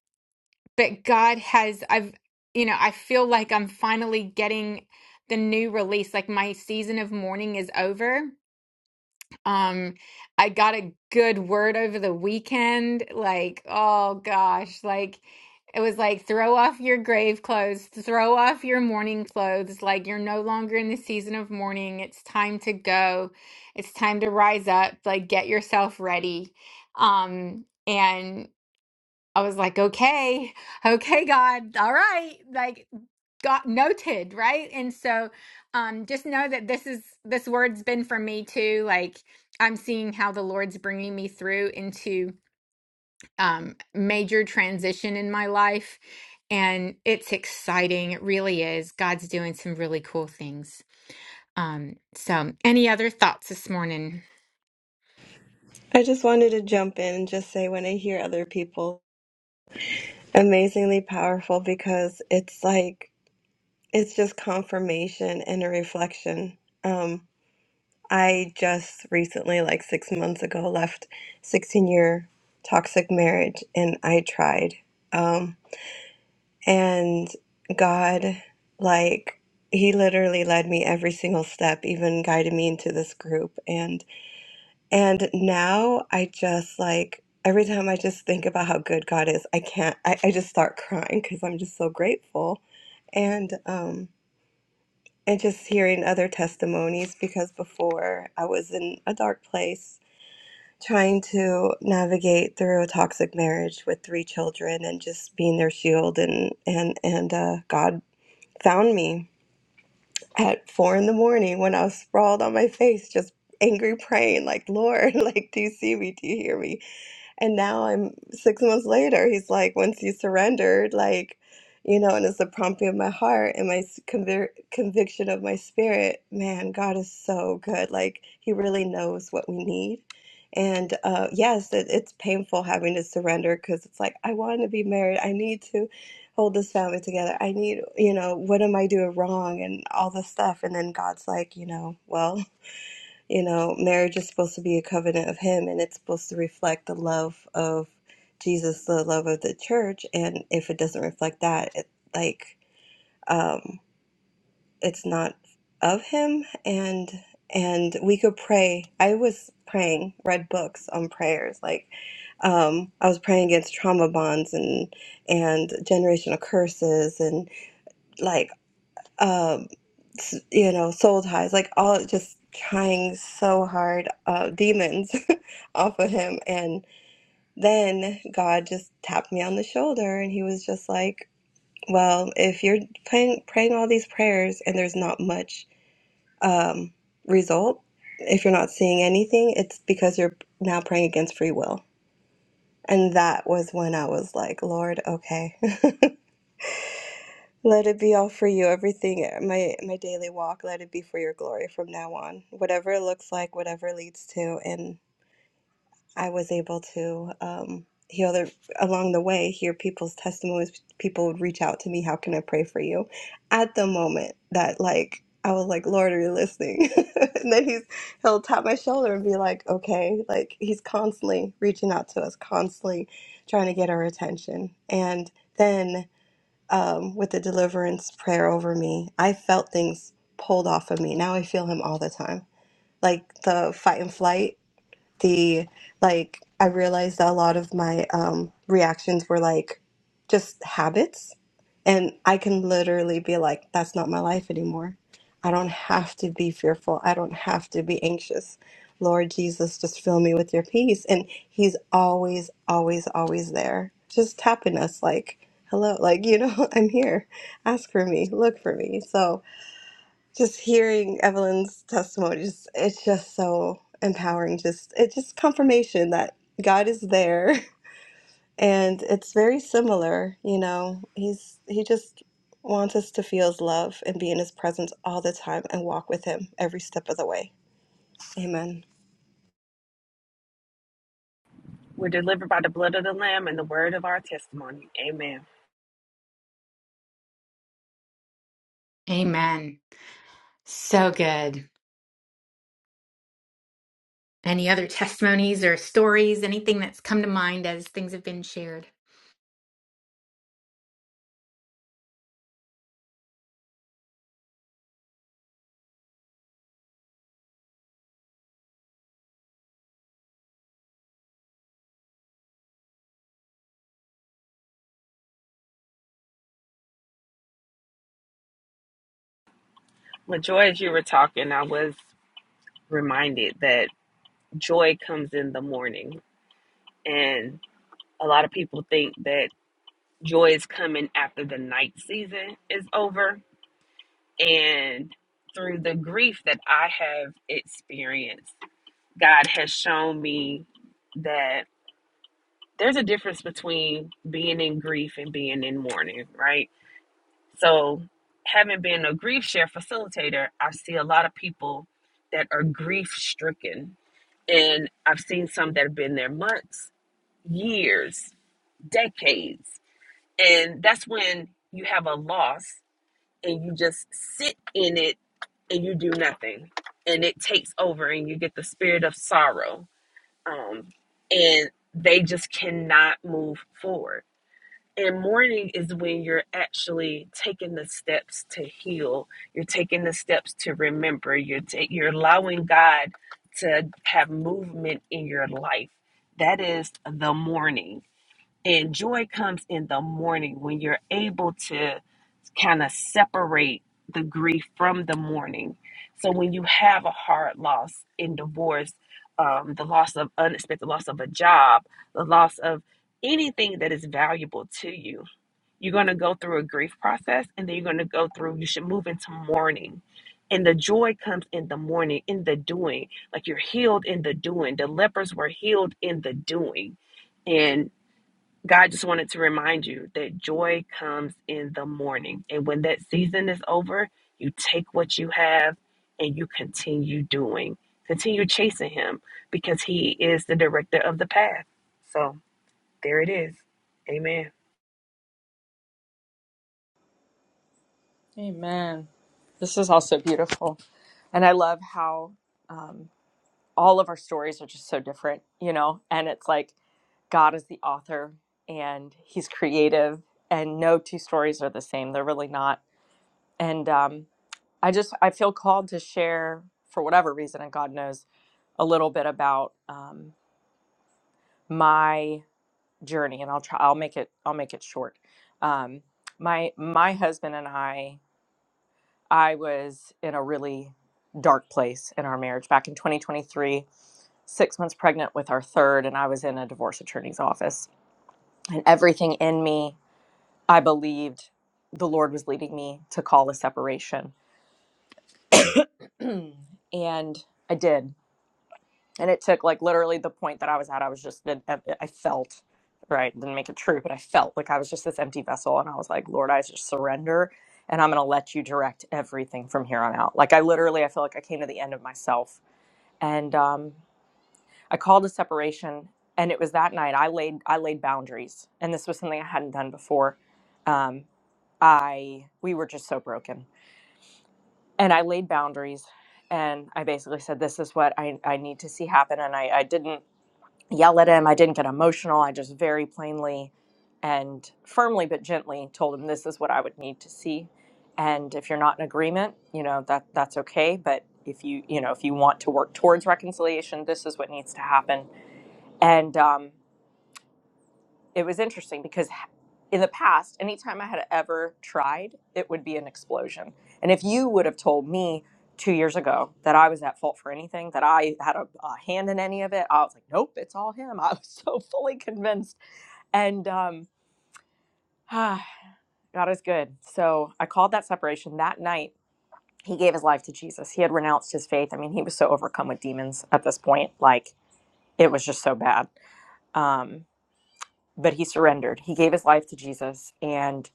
but God has, I've, you know, I feel like I'm finally getting the new release. Like my season of mourning is over um, I got a good word over the weekend. Like, oh gosh, like it was like throw off your grave clothes, throw off your mourning clothes. Like, you're no longer in the season of mourning. It's time to go. It's time to rise up. Like, get yourself ready. Um, and I was like, okay, okay, God, all right. Like, got noted right and so um just know that this is this word's been for me too like i'm seeing how the lord's bringing me through into um major transition in my life and it's exciting it really is god's doing some really cool things um so any other thoughts this morning
I just wanted to jump in and just say when I hear other people, amazingly powerful because it's like, it's just confirmation and a reflection. Um, I just recently, like six months ago, left 16 year toxic marriage and I tried. Um, and God, like, He literally led me every single step, even guided me into this group. And And now I just like every time I just think about how good God is, I can't I, I just start crying because I'm just so grateful. And um and just hearing other testimonies because before I was in a dark place trying to navigate through a toxic marriage with three children and just being their shield and and and uh, God found me at four in the morning when I was sprawled on my face just angry praying like Lord (laughs) like do you see me do you hear me and now I'm six months later. He's like, once you surrendered, like, you know, and it's the prompting of my heart and my s- convir conviction of my spirit. Man, God is so good. Like, He really knows what we need. And uh, yes, it, it's painful having to surrender because it's like, I want to be married. I need to hold this family together. I need, you know, what am I doing wrong and all this stuff. And then God's like, you know, well. You know, marriage is supposed to be a covenant of Him and it's supposed to reflect the love of Jesus, the love of the church. And if it doesn't reflect that, it, like, um, it's not of Him. And and we could pray. I was praying, read books on prayers. Like, um, I was praying against trauma bonds and and generational curses and like um s- you know soul ties like all just trying so hard uh demons (laughs) off of him and then god just tapped me on the shoulder and he was just like well if you're praying praying all these prayers and there's not much um result if you're not seeing anything it's because you're now praying against free will and that was when i was like lord okay Let it be all for you, everything, uh, my my daily walk, let it be for your glory from now on. Whatever it looks like, whatever it leads to. And I was able to um, hear the, along the way, hear people's testimonies. People would reach out to me, how can I pray for you? At the moment that like, I was like, Lord, are you listening? (laughs) and then he's, he'll tap my shoulder and be like, okay, like he's constantly reaching out to us, constantly trying to get our attention. And then um, with the deliverance prayer over me, I felt things pulled off of me. Now I feel him all the time. Like the fight and flight the like I realized that a lot of my um reactions were like just habits and I can literally be like that's not my life anymore. I don't have to be fearful. I don't have to be anxious. Lord Jesus, just fill me with your peace and he's always always always there. Just tapping us like hello like you know (laughs) I'm here. Ask for me. Look for me. So just hearing Evelyn's testimony just it's just so empowering just it's just confirmation that God is there (laughs) and it's very similar you know he's he just wants us to feel his love and be in his presence all the time and walk with him every step of the way amen
We're delivered by the blood of the Lamb and the word of our testimony. Amen.
amen so good any other testimonies or stories anything that's come to mind as things have been shared
LaJoy, as you were talking, I was reminded that joy comes in the morning. And a lot of people think that joy is coming after the night season is over. And through the grief that I have experienced, God has shown me that. there's a difference between being in grief and being in mourning, right? So, having been a grief share facilitator, I see a lot of people that are grief stricken. And I've seen some that have been there months, years, decades. And that's when you have a loss and you just sit in it and you do nothing. And it takes over and you get the spirit of sorrow. Um, and they just cannot move forward and mourning is when you're actually taking the steps to heal. You're taking the steps to remember. You're ta- you're allowing God to have movement in your life. That is the mourning. And joy comes in the morning when you're able to kind of separate the grief from the mourning. So when you have a hard loss in divorce, um, the loss of unexpected loss of a job, the loss of anything that is valuable to you you're going to go through a grief process and then you're going to go through, you should move into mourning. And the joy comes in the morning, in the doing. Like you're healed in the doing. The lepers were healed in the doing. And God just wanted to remind you that joy comes in the morning. And when that season is over, you take what you have and you continue doing, continue chasing Him because He is the director of the path. So there it is. Amen.
Amen. This is also beautiful. And I love how um, all of our stories are just so different, you know? And it's like God is the author and he's creative, and no two stories are the same. They're really not. And um, I just, I feel called to share, for whatever reason, and God knows, a little bit about um, my journey. And I'll try, I'll make it, I'll make it short. Um, my, my husband and I I was in a really dark place in our marriage back in 2023, six months pregnant with our third, and I was in a divorce attorney's office. And everything in me, I believed the Lord was leading me to call a separation. (clears throat) and I did. and it took like literally the point that I was at. I was just I felt right didn't make it true, but I felt like I was just this empty vessel, and I was like, Lord, I just surrender, and I'm gonna let you direct everything from here on out. Like I literally, I feel like I came to the end of myself, and um, I called a separation, and it was that night I laid I laid boundaries, and this was something I hadn't done before. Um, I we were just so broken. And I laid boundaries and I basically said, This is what I, I need to see happen. And I, I didn't yell at him. I didn't get emotional. I just very plainly and firmly but gently told him this is what I would need to see. And if you're not in agreement, you know, that that's okay, but if you, you know, if you want to work towards reconciliation, this is what needs to happen. And um it was interesting because in the past, anytime I had ever tried, it would be an explosion. And if you would have told me two years ago that I was at fault for anything, that I had a, a hand in any of it, I was like, nope, it's all him. I was (laughs) so fully convinced. And um, (sighs) God is good. So I called that separation that night. He gave his life to Jesus. He had renounced his faith. I mean, he was so overcome with demons at this point. Like, it was just so bad. Um, but he surrendered. He gave his life to Jesus. and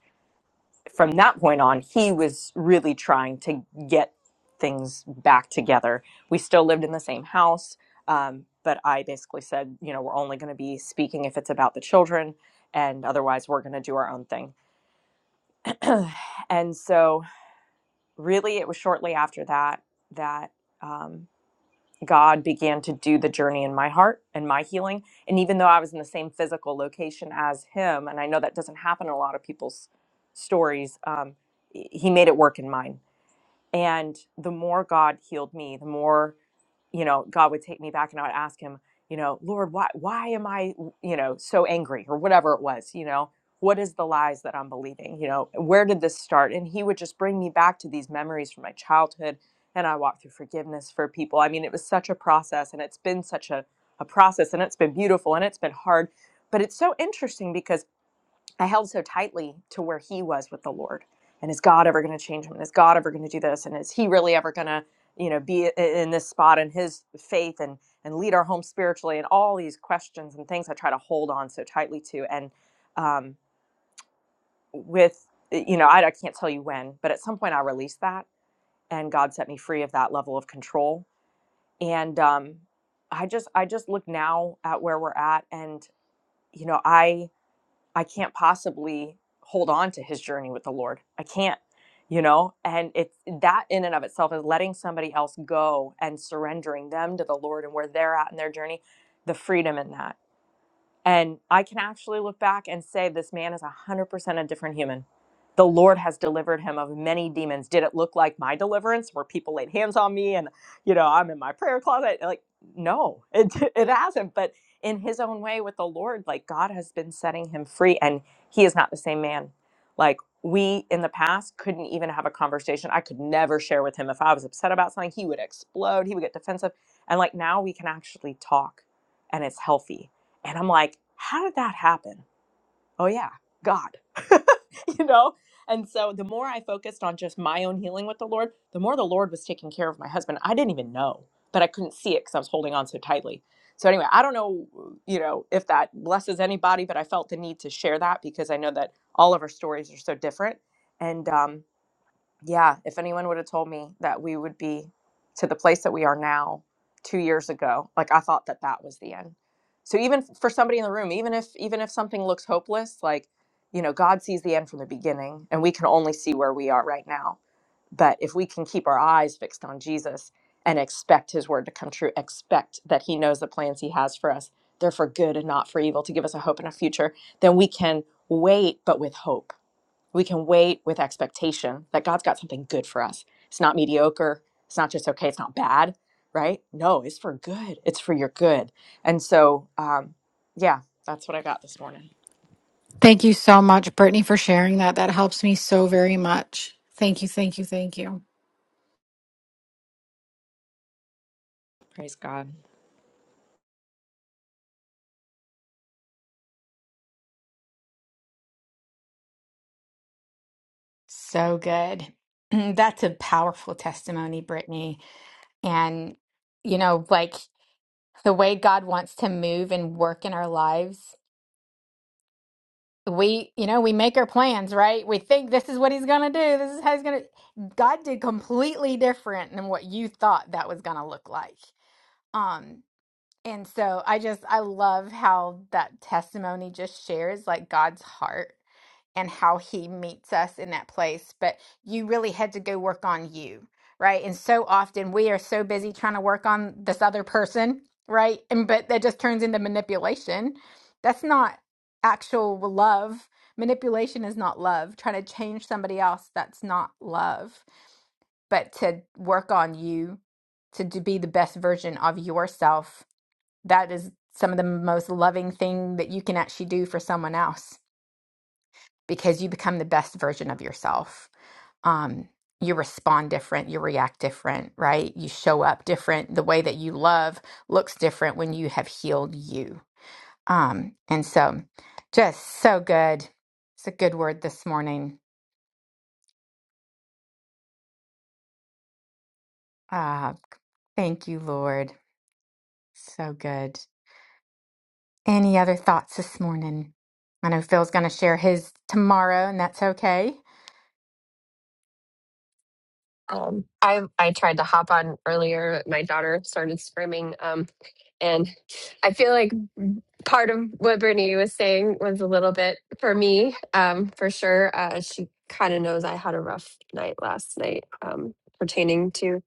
from that point on, he was really trying to get things back together. We still lived in the same house, um, but I basically said, you know, we're only going to be speaking if it's about the children, and otherwise, we're going to do our own thing. (clears throat) and so, really, it was shortly after that that um, God began to do the journey in my heart and my healing. And even though I was in the same physical location as him, and I know that doesn't happen in a lot of people's stories, um, he made it work in mine and the more God healed me, the more, you know, God would take me back and I would ask him, you know, Lord, why why am I, you know, so angry or whatever it was, you know? What is the lies that I'm believing? You know, where did this start? And he would just bring me back to these memories from my childhood and I walked through forgiveness for people. I mean, it was such a process and it's been such a, a process and it's been beautiful and it's been hard. But it's so interesting because I held so tightly to where he was with the Lord. And is God ever going to change him? And is God ever going to do this? And is he really ever going to, you know, be in this spot in his faith and and lead our home spiritually? And all these questions and things I try to hold on so tightly to. And um, with, you know, I, I can't tell you when, but at some point I released that, and God set me free of that level of control. And um, I just I just look now at where we're at, and you know I I can't possibly hold on to his journey with the Lord. I can't, you know? And it's that in and of itself is letting somebody else go and surrendering them to the Lord and where they're at in their journey, the freedom in that. And I can actually look back and say this man is 100% a different human. The Lord has delivered him of many demons. Did it look like my deliverance where people laid hands on me and, you know, I'm in my prayer closet? Like, no, it, (laughs) it hasn't. But in his own way with the Lord, like God has been setting him free and he is not the same man. Like we in the past couldn't even have a conversation. I could never share with him. If I was upset about something, he would explode, he would get defensive. And like now we can actually talk and it's healthy and I'm like, how did that happen? Oh, yeah, God, (laughs) you know? And so the more I focused on just my own healing with the Lord, the more the Lord was taking care of my husband. I didn't even know, but I couldn't see it because I was holding on so tightly. So, anyway, I don't know, you know, if that blesses anybody, but I felt the need to share that because I know that all of our stories are so different. And, um, yeah, if anyone would have told me that we would be to the place that we are now two years ago, like I thought that that was the end. So even for somebody in the room, even if even if something looks hopeless, like you know, God sees the end from the beginning, and we can only see where we are right now. But if we can keep our eyes fixed on Jesus and expect His word to come true, expect that He knows the plans He has for us, they're for good and not for evil, to give us a hope and a future, then we can wait, but with hope we can wait with expectation that God's got something good for us. It's not mediocre. It's not just okay. It's not bad, right? No, it's for good. It's for your good. And so, um, yeah, that's what I got this morning.
Thank you so much, Brittany, for sharing that. That helps me so very much. Thank you, thank you, thank you.
Praise God.
So good. (clears throat) That's a powerful testimony, Brittany. And, you know, like the way God wants to move and work in our lives, we, you know, we make our plans, right? We think this is what he's going to do. This is how he's going to. God did completely different than what you thought that was going to look like. Um, And so I just, I love how that testimony just shares like God's heart and how he meets us in that place. But you really had to go work on you, right? And so often we are so busy trying to work on this other person, right? And but that just turns into manipulation. That's not actual love. Manipulation is not love. Trying to change somebody else, that's not love. But to work on you, to, to be the best version of yourself that is some of the most loving thing that you can actually do for someone else because you become the best version of yourself. Um, you respond different, you react different, right? You show up different. The way that you love looks different when you have healed you. Um, and so, just so good. It's a good word this morning. Ah, thank you, Lord. So good. Any other thoughts this morning? I know Phil's going to share his tomorrow, and that's okay.
Um, I I tried to hop on earlier. My daughter started screaming, um, and I feel like part of what Brittany was saying was a little bit for me, um, for sure. Uh, she kind of knows I had a rough night last night um, pertaining to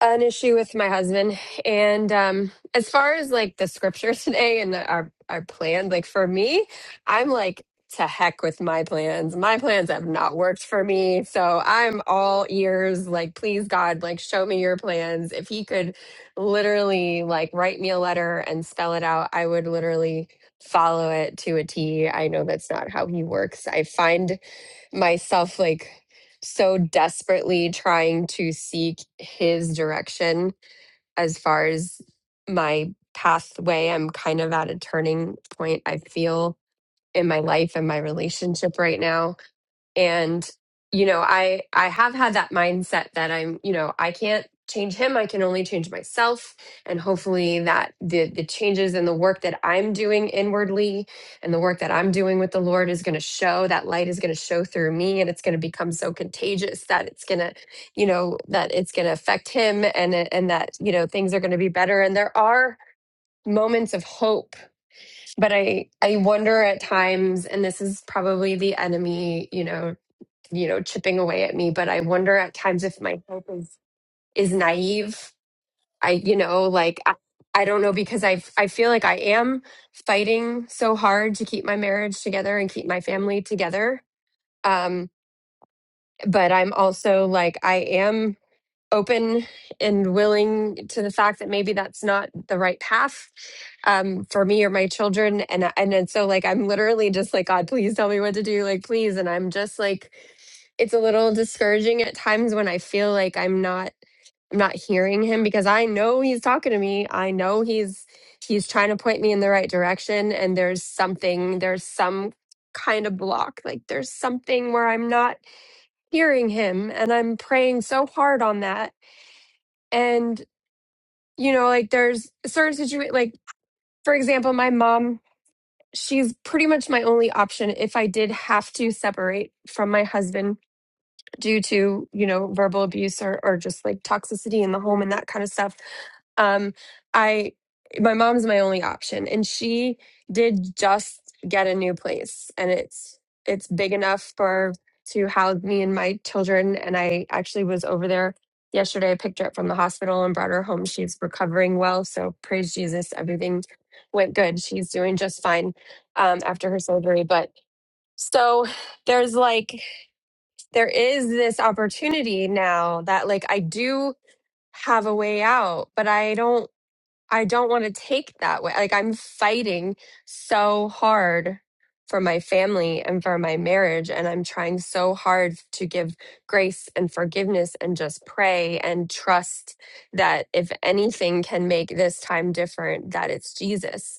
an issue with my husband and um as far as like the scripture (laughs) today and our our plan like for me i'm like to heck with my plans my plans have not worked for me so i'm all ears like please god like show me your plans if he could literally like write me a letter and spell it out i would literally follow it to a t i know that's not how he works i find myself like so desperately trying to seek his direction as far as my pathway. I'm kind of at a turning point, I feel, in my life and my relationship right now and you know i i have had that mindset that i'm you know i can't change him i can only change myself and hopefully that the the changes and the work that i'm doing inwardly and the work that i'm doing with the lord is going to show that light is going to show through me and it's going to become so contagious that it's going to you know that it's going to affect him and it- and that you know things are going to be better and there are moments of hope but i i wonder at times and this is probably the enemy you know you know chipping away at me but i wonder at times if my hope is is naive i you know like i, I don't know because i i feel like i am fighting so hard to keep my marriage together and keep my family together um but i'm also like i am open and willing to the fact that maybe that's not the right path um, for me or my children and and then so like i'm literally just like god please tell me what to do like please and i'm just like it's a little discouraging at times when i feel like i'm not i'm not hearing him because i know he's talking to me i know he's he's trying to point me in the right direction and there's something there's some kind of block like there's something where i'm not hearing him and i'm praying so hard on that and you know like there's certain situations. like for example my mom she's pretty much my only option if i did have to separate from my husband due to you know verbal abuse or, or just like toxicity in the home and that kind of stuff um i my mom's my only option and she did just get a new place and it's it's big enough for to house me and my children and i actually was over there yesterday i picked her up from the hospital and brought her home she's recovering well so praise jesus everything went good she's doing just fine um, after her surgery but so there's like there is this opportunity now that like I do have a way out, but I don't I don't want to take that way. Like I'm fighting so hard for my family and for my marriage and I'm trying so hard to give grace and forgiveness and just pray and trust that if anything can make this time different that it's Jesus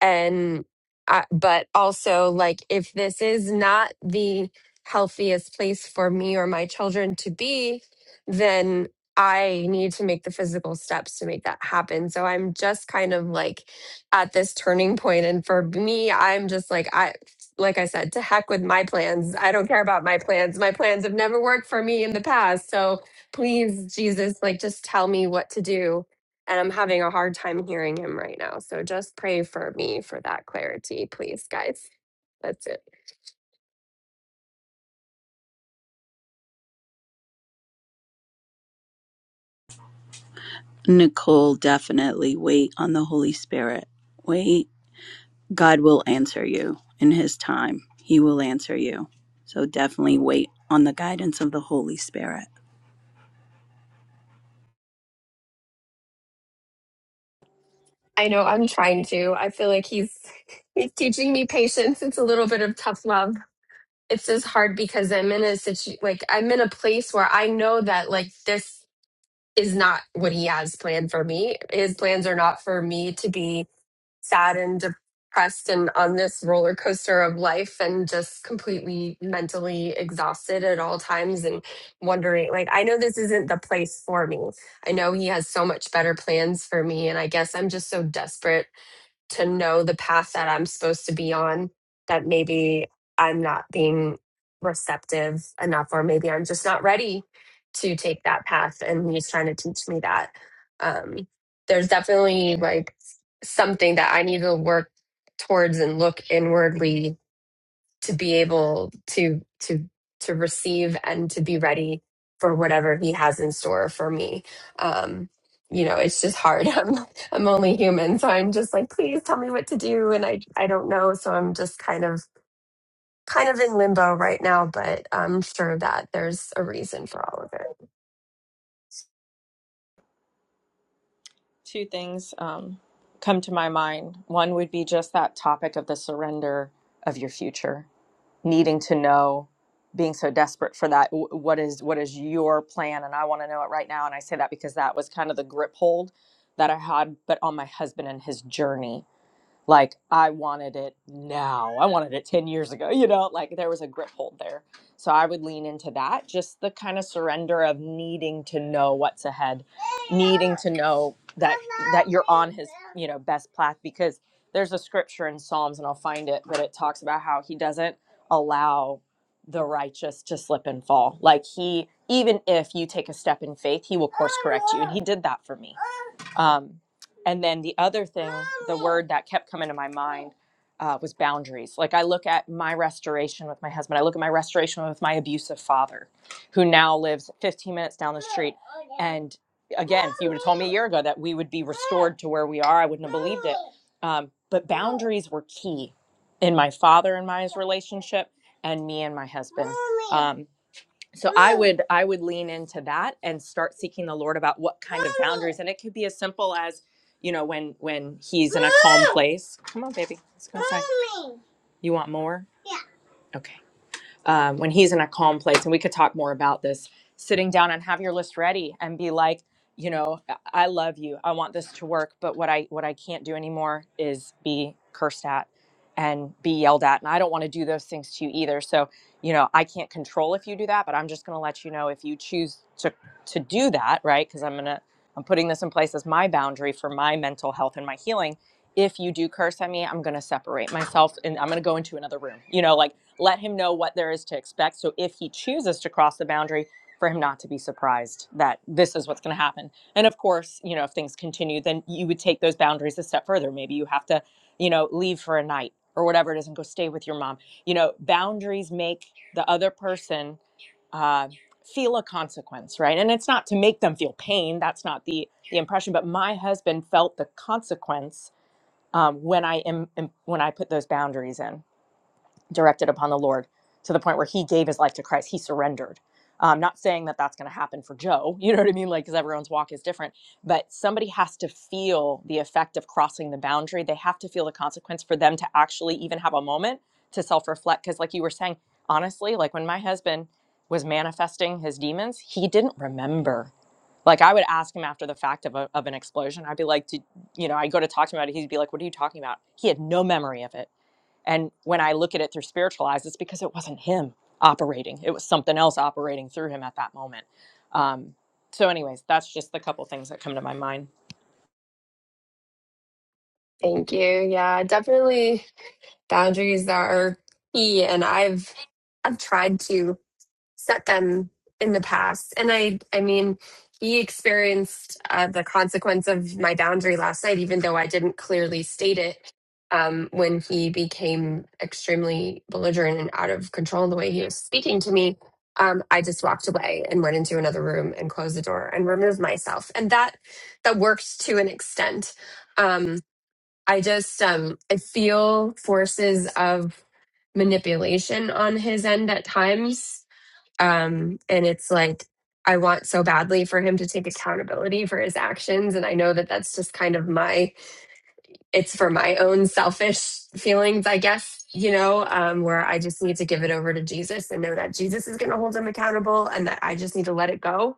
and I, but also like if this is not the healthiest place for me or my children to be then i need to make the physical steps to make that happen so i'm just kind of like at this turning point and for me i'm just like i like i said to heck with my plans i don't care about my plans my plans have never worked for me in the past so please jesus like just tell me what to do and I'm having a hard time hearing him right now. So just pray for me for that clarity, please, guys. That's it.
nicole definitely wait on the holy spirit wait god will answer you in his time he will answer you so definitely wait on the guidance of the holy spirit
I know I'm trying to. I feel like he's (laughs) he's teaching me patience. It's a little bit of tough love. It's just hard because I'm in a situ like I'm in a place where I know that like this is not what he has planned for me. His plans are not for me to be sad and depressed and on this roller coaster of life and just completely mentally exhausted at all times and wondering like I know this isn't the place for me. I know he has so much better plans for me and I guess I'm just so desperate to know the path that I'm supposed to be on, that maybe I'm not being receptive enough, or maybe I'm just not ready to take that path. And he's trying to teach me that. Um, there's definitely like something that I need to work towards and look inwardly to be able to to to receive and to be ready for whatever he has in store for me um you know it's just hard (laughs) i'm i'm only human so i'm just like please tell me what to do and i i don't know so i'm just kind of kind of in limbo right now but i'm sure that there's a reason for all of it
Two things um, come to my mind. One would be just that topic of the surrender of your future needing to know being so desperate for that what is what is your plan and i want to know it right now and i say that because that was kind of the grip hold that i had but on my husband and his journey like I wanted it now. I wanted it 10 years ago, you know, like there was a grip hold there. So I would lean into that, just the kind of surrender of needing to know what's ahead, needing to know that that you're on his, you know, best path because there's a scripture in Psalms and I'll find it, but it talks about how he doesn't allow the righteous to slip and fall. Like he even if you take a step in faith, he will course correct you and he did that for me. Um and then the other thing, the word that kept coming to my mind uh, was boundaries. Like I look at my restoration with my husband, I look at my restoration with my abusive father, who now lives 15 minutes down the street. And again, if you would have told me a year ago that we would be restored to where we are, I wouldn't have believed it. Um, but boundaries were key in my father and my his relationship, and me and my husband. Um, so i would i would lean into that and start seeking the lord about what kind of boundaries and it could be as simple as you know when when he's in a calm place come on baby let's go inside you want more yeah okay um, when he's in a calm place, and we could talk more about this, sitting down and have your list ready and be like, you know, I I love you. I want this to work, but what I what I can't do anymore is be cursed at and be yelled at, and I don't want to do those things to you either. So, you know, I can't control if you do that, but I'm just going to let you know if you choose to to do that, right? Because I'm gonna I'm putting this in place as my boundary for my mental health and my healing. If you do curse at me, I'm going to separate myself and I'm going to go into another room. You know, like let him know what there is to expect. So if he chooses to cross the boundary, for him not to be surprised that this is what's going to happen. And of course, you know, if things continue, then you would take those boundaries a step further. Maybe you have to, you know, leave for a night or whatever it is and go stay with your mom. You know, boundaries make the other person uh, feel a consequence, right? And it's not to make them feel pain. That's not the the impression. But my husband felt the consequence um, when I am when I put those boundaries in directed upon the Lord to the point where he gave his life to Christ. He surrendered. I'm not saying that that's going to happen for Joe. (laughs) You know what I mean? Like, because everyone's walk is different. But somebody has to feel the effect of crossing the boundary. They have to feel the consequence for them to actually even have a moment to self reflect. Because, like you were saying, honestly, like when my husband was manifesting his demons, he didn't remember. Like, I would ask him after the fact of, a, of an explosion. I'd be like, Did, you know, I'd go to talk to him about it. He'd be like, What are you talking about? He had no memory of it and when I look at it through spiritual eyes, it's because it wasn't him operating, it was something else operating through him at that moment. Um, so, anyways, that's just the couple things that come to my mind.
thank you yeah definitely boundaries are key and I've I've tried to set them in the past. And I I mean, he experienced uh, the consequence of my boundary last night, even though I didn't clearly state it. Um, when he became extremely belligerent and out of control in the way he was speaking to me, um, I just walked away and went into another room and closed the door and removed myself. And that that worked to an extent. Um, I just um I feel forces of manipulation on his end at times. Um and it's like I want so badly for him to take accountability for his actions and I know that that's just kind of my it's for my own selfish feelings I guess, you know, um where I just need to give it over to Jesus and know that Jesus is going to hold him accountable and that I just need to let it go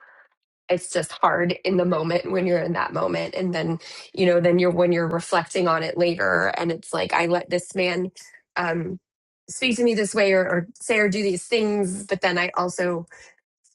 it's just hard in the moment when you're in that moment and then you know then you're when you're reflecting on it later and it's like i let this man um speak to me this way or, or say or do these things but then i also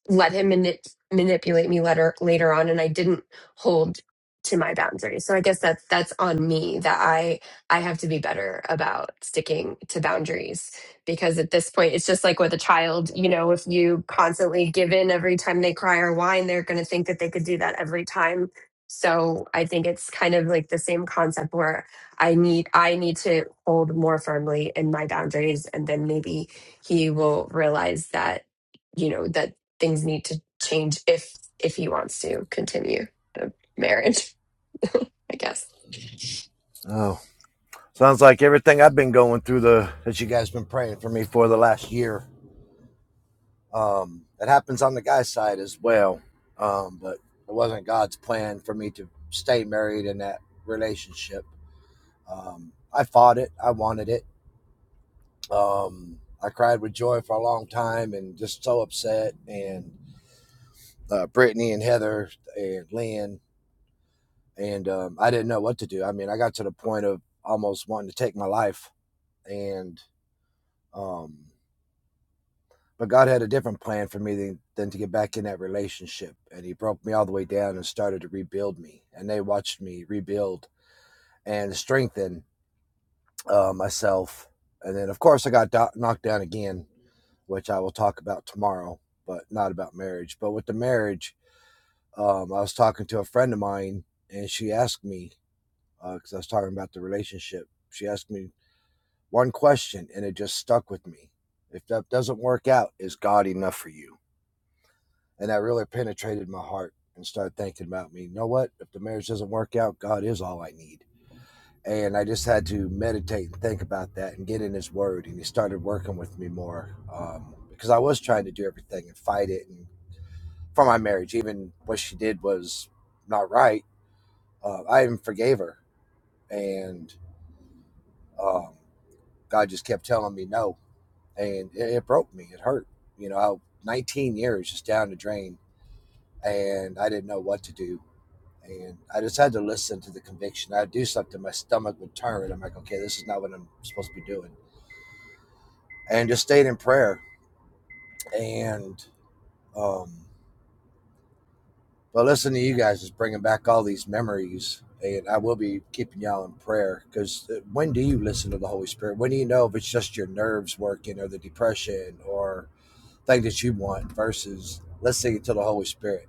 let him mani- manipulate me later later on and I didn't hold to my boundaries. So I guess that's that's on me that I I have to be better about sticking to boundaries because at this point it's just like with a child, you know, if you constantly give in every time they cry or whine, they're going to think that they could do that every time. So I think it's kind of like the same concept where I need I need to hold more firmly in my boundaries and then maybe he will realize that you know that things need to change if if he wants to continue the marriage (laughs) i guess
Oh, sounds like everything I've been going through the that you guys been praying for me for the last year. Um, it happens on the guy's side as well, um, but it wasn't God's plan for me to stay married in that relationship. Um, I fought it. I wanted it. Um, I cried with joy for a long time and just so upset. And uh, Brittany and Heather and Lynn and um, I didn't know what to do. I mean, I got to the point of almost wanting to take my life, and um, but God had a different plan for me than, than to get back in that relationship, and He broke me all the way down and started to rebuild me, and they watched me rebuild and strengthen uh, myself, and then of course I got do- knocked down again, which I will talk about tomorrow, but not about marriage. But with the marriage, um, I was talking to a friend of mine, and she asked me because uh, I was talking about the relationship. She asked me one question and it just stuck with me. If that doesn't work out, is God enough for you? And that really penetrated my heart and started thinking about me. You know what? If the marriage doesn't work out, God is all I need. And I just had to meditate and think about that and get in His Word. And He started working with me more um, because I was trying to do everything and fight it and for my marriage. Even what she did was not right. Uh, I even forgave her. And um, God just kept telling me no and it, it broke me. It hurt. You know, I, 19 years just down the drain, and I didn't know what to do. And I just had to listen to the conviction. I'd do something, my stomach would turn. I'm like, okay, this is not what I'm supposed to be doing. And just stayed in prayer. And, um, but listening to you guys is bringing back all these memories. And I will be keeping y'all in prayer because when do you listen to the Holy Spirit? When do you know if it's just your nerves working or the depression or thing that you want versus listening to the Holy Spirit?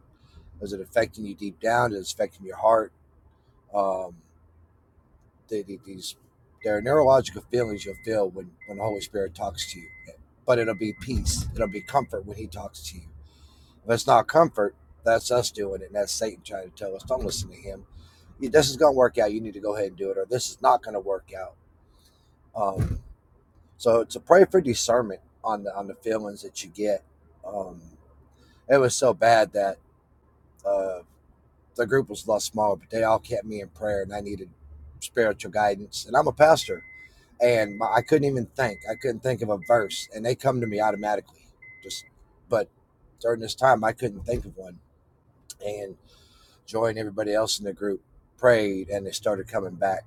Is it affecting you deep down? Is it affecting your heart? Um, the, the, these there are neurological feelings you'll feel when when the Holy Spirit talks to you, but it'll be peace. It'll be comfort when He talks to you. If it's not comfort, that's us doing it, and that's Satan trying to tell us, "Don't listen to him. This is going to work out. You need to go ahead and do it, or this is not going to work out." Um, so to pray for discernment on the on the feelings that you get. Um, it was so bad that. Uh, the group was a lot smaller, but they all kept me in prayer, and I needed spiritual guidance. And I'm a pastor, and my, I couldn't even think. I couldn't think of a verse, and they come to me automatically. Just, but during this time, I couldn't think of one. And Joy and everybody else in the group prayed, and they started coming back.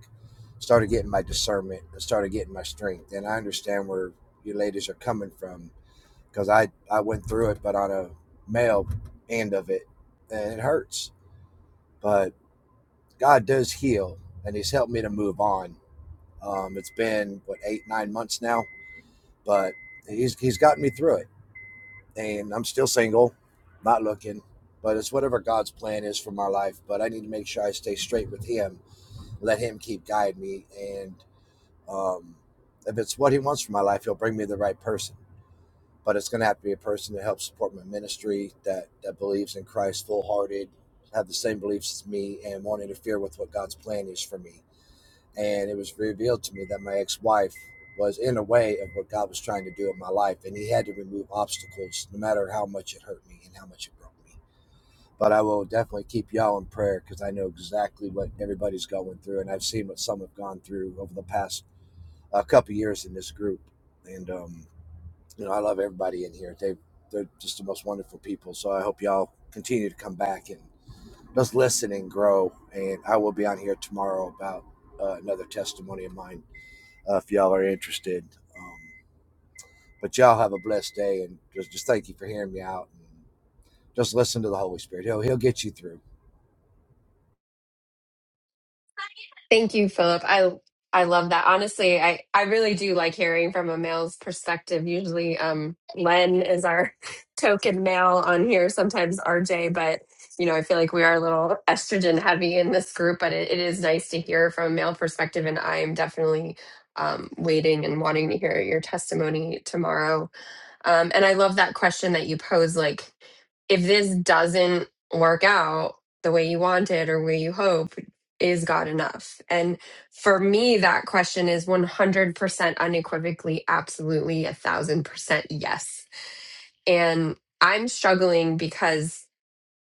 Started getting my discernment, and started getting my strength, and I understand where you ladies are coming from because I I went through it, but on a male end of it, and it hurts. But God does heal, and He's helped me to move on. Um, it's been what eight, nine months now, but He's He's gotten me through it, and I'm still single, not looking, but it's whatever God's plan is for my life. But I need to make sure I stay straight with Him, let Him keep guiding me, and um, if it's what He wants for my life, He'll bring me the right person. But it's going to have to be a person that helps support my ministry, that that believes in Christ full hearted, have the same beliefs as me, and won't interfere with what God's plan is for me and it was revealed to me that my ex-wife was in a way of what God was trying to do in my life, and He had to remove obstacles, no matter how much it hurt me and how much it broke me. But I will definitely keep y'all in prayer because I know exactly what everybody's going through, and I've seen what some have gone through over the past uh, couple years in this group. And um, you know, I love everybody in here. They they're just the most wonderful people. So I hope y'all continue to come back and just listen and grow. And I will be on here tomorrow about uh, another testimony of mine uh, if y'all are interested. Um, but y'all have a blessed day, and just, just thank you for hearing me out. And just listen to the Holy Spirit; he'll he'll get you through.
thank you philip i i love that honestly i i really do like hearing from a male's perspective usually um len is our (laughs) token male on here sometimes rj but you know i feel like we are a little estrogen heavy in this group but it, it is nice to hear from a male perspective and i'm definitely um, waiting and wanting to hear your testimony tomorrow Um, and I love that question that you pose like, if this doesn't work out the way you want it or where you hope, is God enough? And for me, that question is 100% unequivocally, absolutely, a thousand percent yes. And I'm struggling because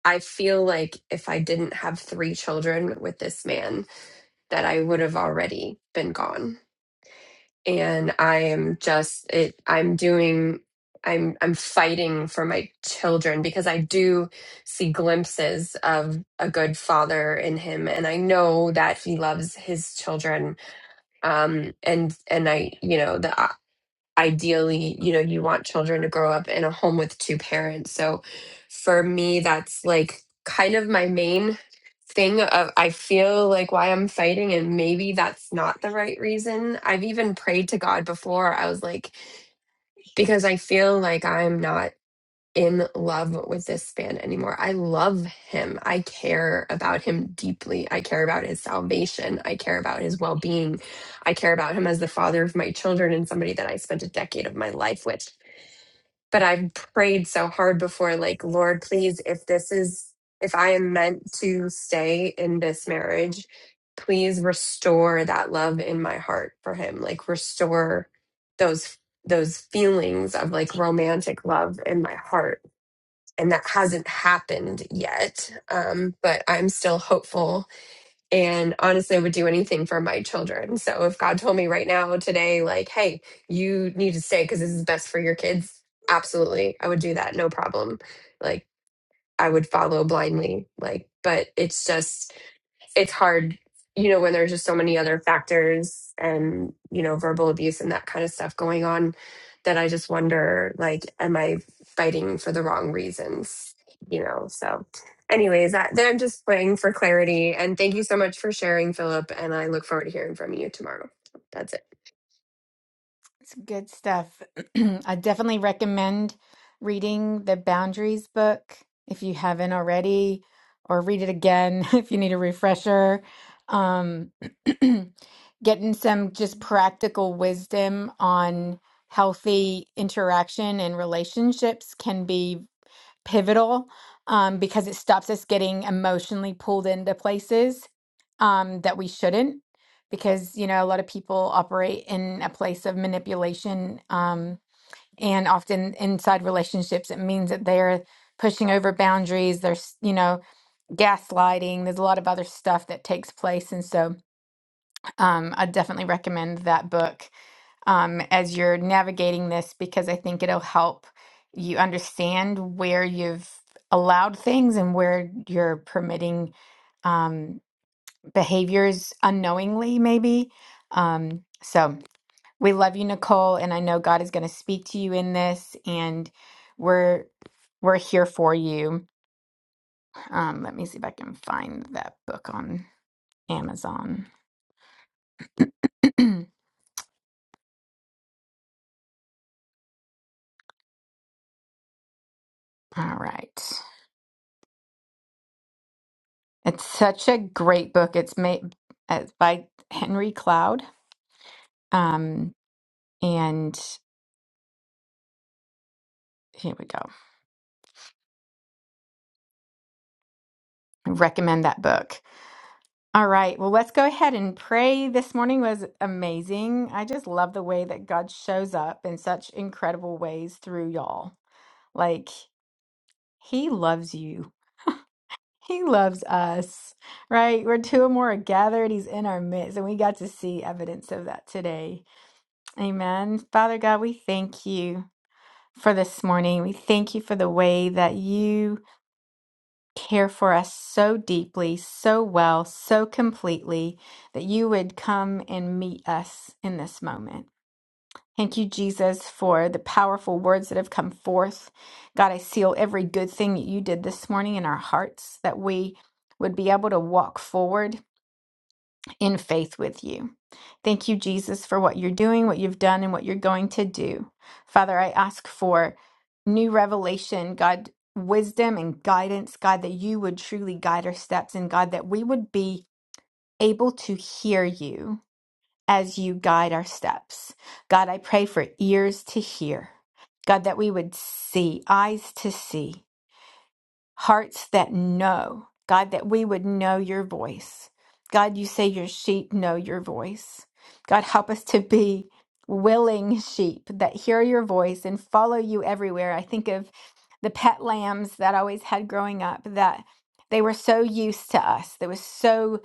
I feel like if I didn't have three children with this man, that I would have already been gone and I am just it I'm doing I'm I'm fighting for my children because I do see glimpses of a good father in him and I know that he loves his children um and and I you know that ideally, you know, you want children to grow up in a home with two parents. So for me, that's like kind of my main thing of I feel like why I'm fighting and maybe that's not the right reason. I've even prayed to God before. I was like because I feel like I'm not in love with this man anymore. I love him. I care about him deeply. I care about his salvation. I care about his well being. I care about him as the father of my children and somebody that I spent a decade of my life with. But I've prayed so hard before, like, Lord, please, if this is, if I am meant to stay in this marriage, please restore that love in my heart for him. Like, restore those those feelings of like romantic love in my heart and that hasn't happened yet. Um, but I'm still hopeful. And honestly, I would do anything for my children. So if God told me right now, today, like, hey, you need to stay because this is best for your kids, absolutely. I would do that, no problem. Like, I would follow blindly. Like, but it's just, it's hard, you know, when there's just so many other factors and, you know, verbal abuse and that kind of stuff going on that I just wonder, like, am I fighting for the wrong reasons? You know, so anyways, I, then I'm just praying for clarity. And thank you so much for sharing, Philip. And I look forward to hearing from you tomorrow. That's it.
It's good stuff. (clears throat) I definitely recommend reading the Boundaries book if you haven't already, or read it again (laughs) if you need a refresher. Um, (clears throat) getting some just practical wisdom on healthy interaction and relationships can be pivotal um, because it stops us getting emotionally pulled into places um, that we shouldn't. Because, you know, a lot of people operate in a place of manipulation. Um, and often inside relationships, it means that they're pushing over boundaries. There's, you know, gaslighting. There's a lot of other stuff that takes place. And so um, I definitely recommend that book um, as you're navigating this because I think it'll help you understand where you've allowed things and where you're permitting um, behaviors unknowingly, maybe. Um, so we love you, Nicole, and I know God is going to speak to you in this, and we're we're here for you. Um, let me see if I can find that book on Amazon. (clears throat) All right. It's such a great book. It's made uh, by Henry Cloud. Um, and here we go. I recommend that book. All right. Well, let's go ahead and pray. This morning was amazing. I just love the way that God shows up in such incredible ways through y'all. Like, He loves you. He loves us, right? We're two or more are gathered. He's in our midst, and we got to see evidence of that today. Amen. Father God, we thank you. for this morning. We thank you for the way that you care for us so deeply, so well, so completely, that you would come and meet us in this moment. Thank you, Jesus, for the powerful words that have come forth. God, I seal every good thing that you did this morning in our hearts, that we would be able to walk forward in faith with you. Thank you, Jesus, for what you're doing, what you've done, and what you're going to do. Father, I ask for new revelation, God, wisdom and guidance, God, that you would truly guide our steps, and God, that we would be able to hear you as you guide our steps. God, I pray for ears to hear. God, that we would see, eyes to see hearts that know, God, that we would know your voice. God, you say your sheep know your voice. God, help us to be willing sheep that hear your voice and follow you everywhere. I think of the pet lambs that I always had growing up that they were so used to us. They were so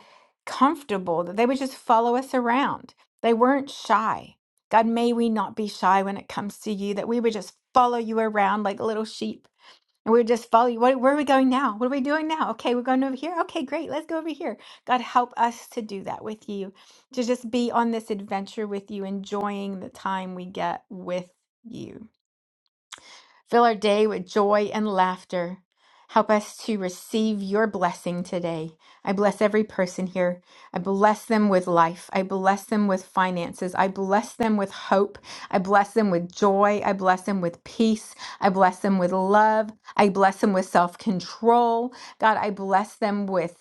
comfortable that they would just follow us around. They weren't shy. God, may we not be shy when it comes to you, that we would just follow you around like little sheep and we would just follow you. What, where are we going now? What are we doing now? Okay, we're going over here. Okay, great. Let's go over here. God, help us to do that with you, to just be on this adventure with you, enjoying the time we get with you. Fill our day with joy and laughter. Help us to receive your blessing today. I bless every person here. I bless them with life. I bless them with finances. I bless them with hope. I bless them with joy. I bless them with peace. I bless them with love. I bless them with self control. God, I bless them with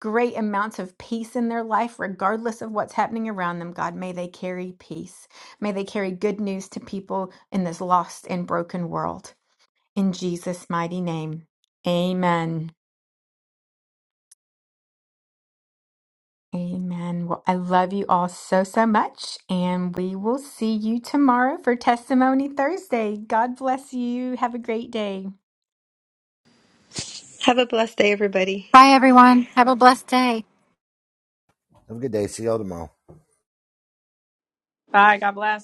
great amounts of peace in their life, regardless of what's happening around them. God, may they carry peace. May they carry good news to people in this lost and broken world. In Jesus' mighty name. Amen. Amen. Well, I love you all so, so much. And we will see you tomorrow for Testimony Thursday. God bless you. Have a great day.
have a blessed day everybody
Bye, everyone. Have a blessed day.
Have a good day. See y'all tomorrow.
Bye. God bless.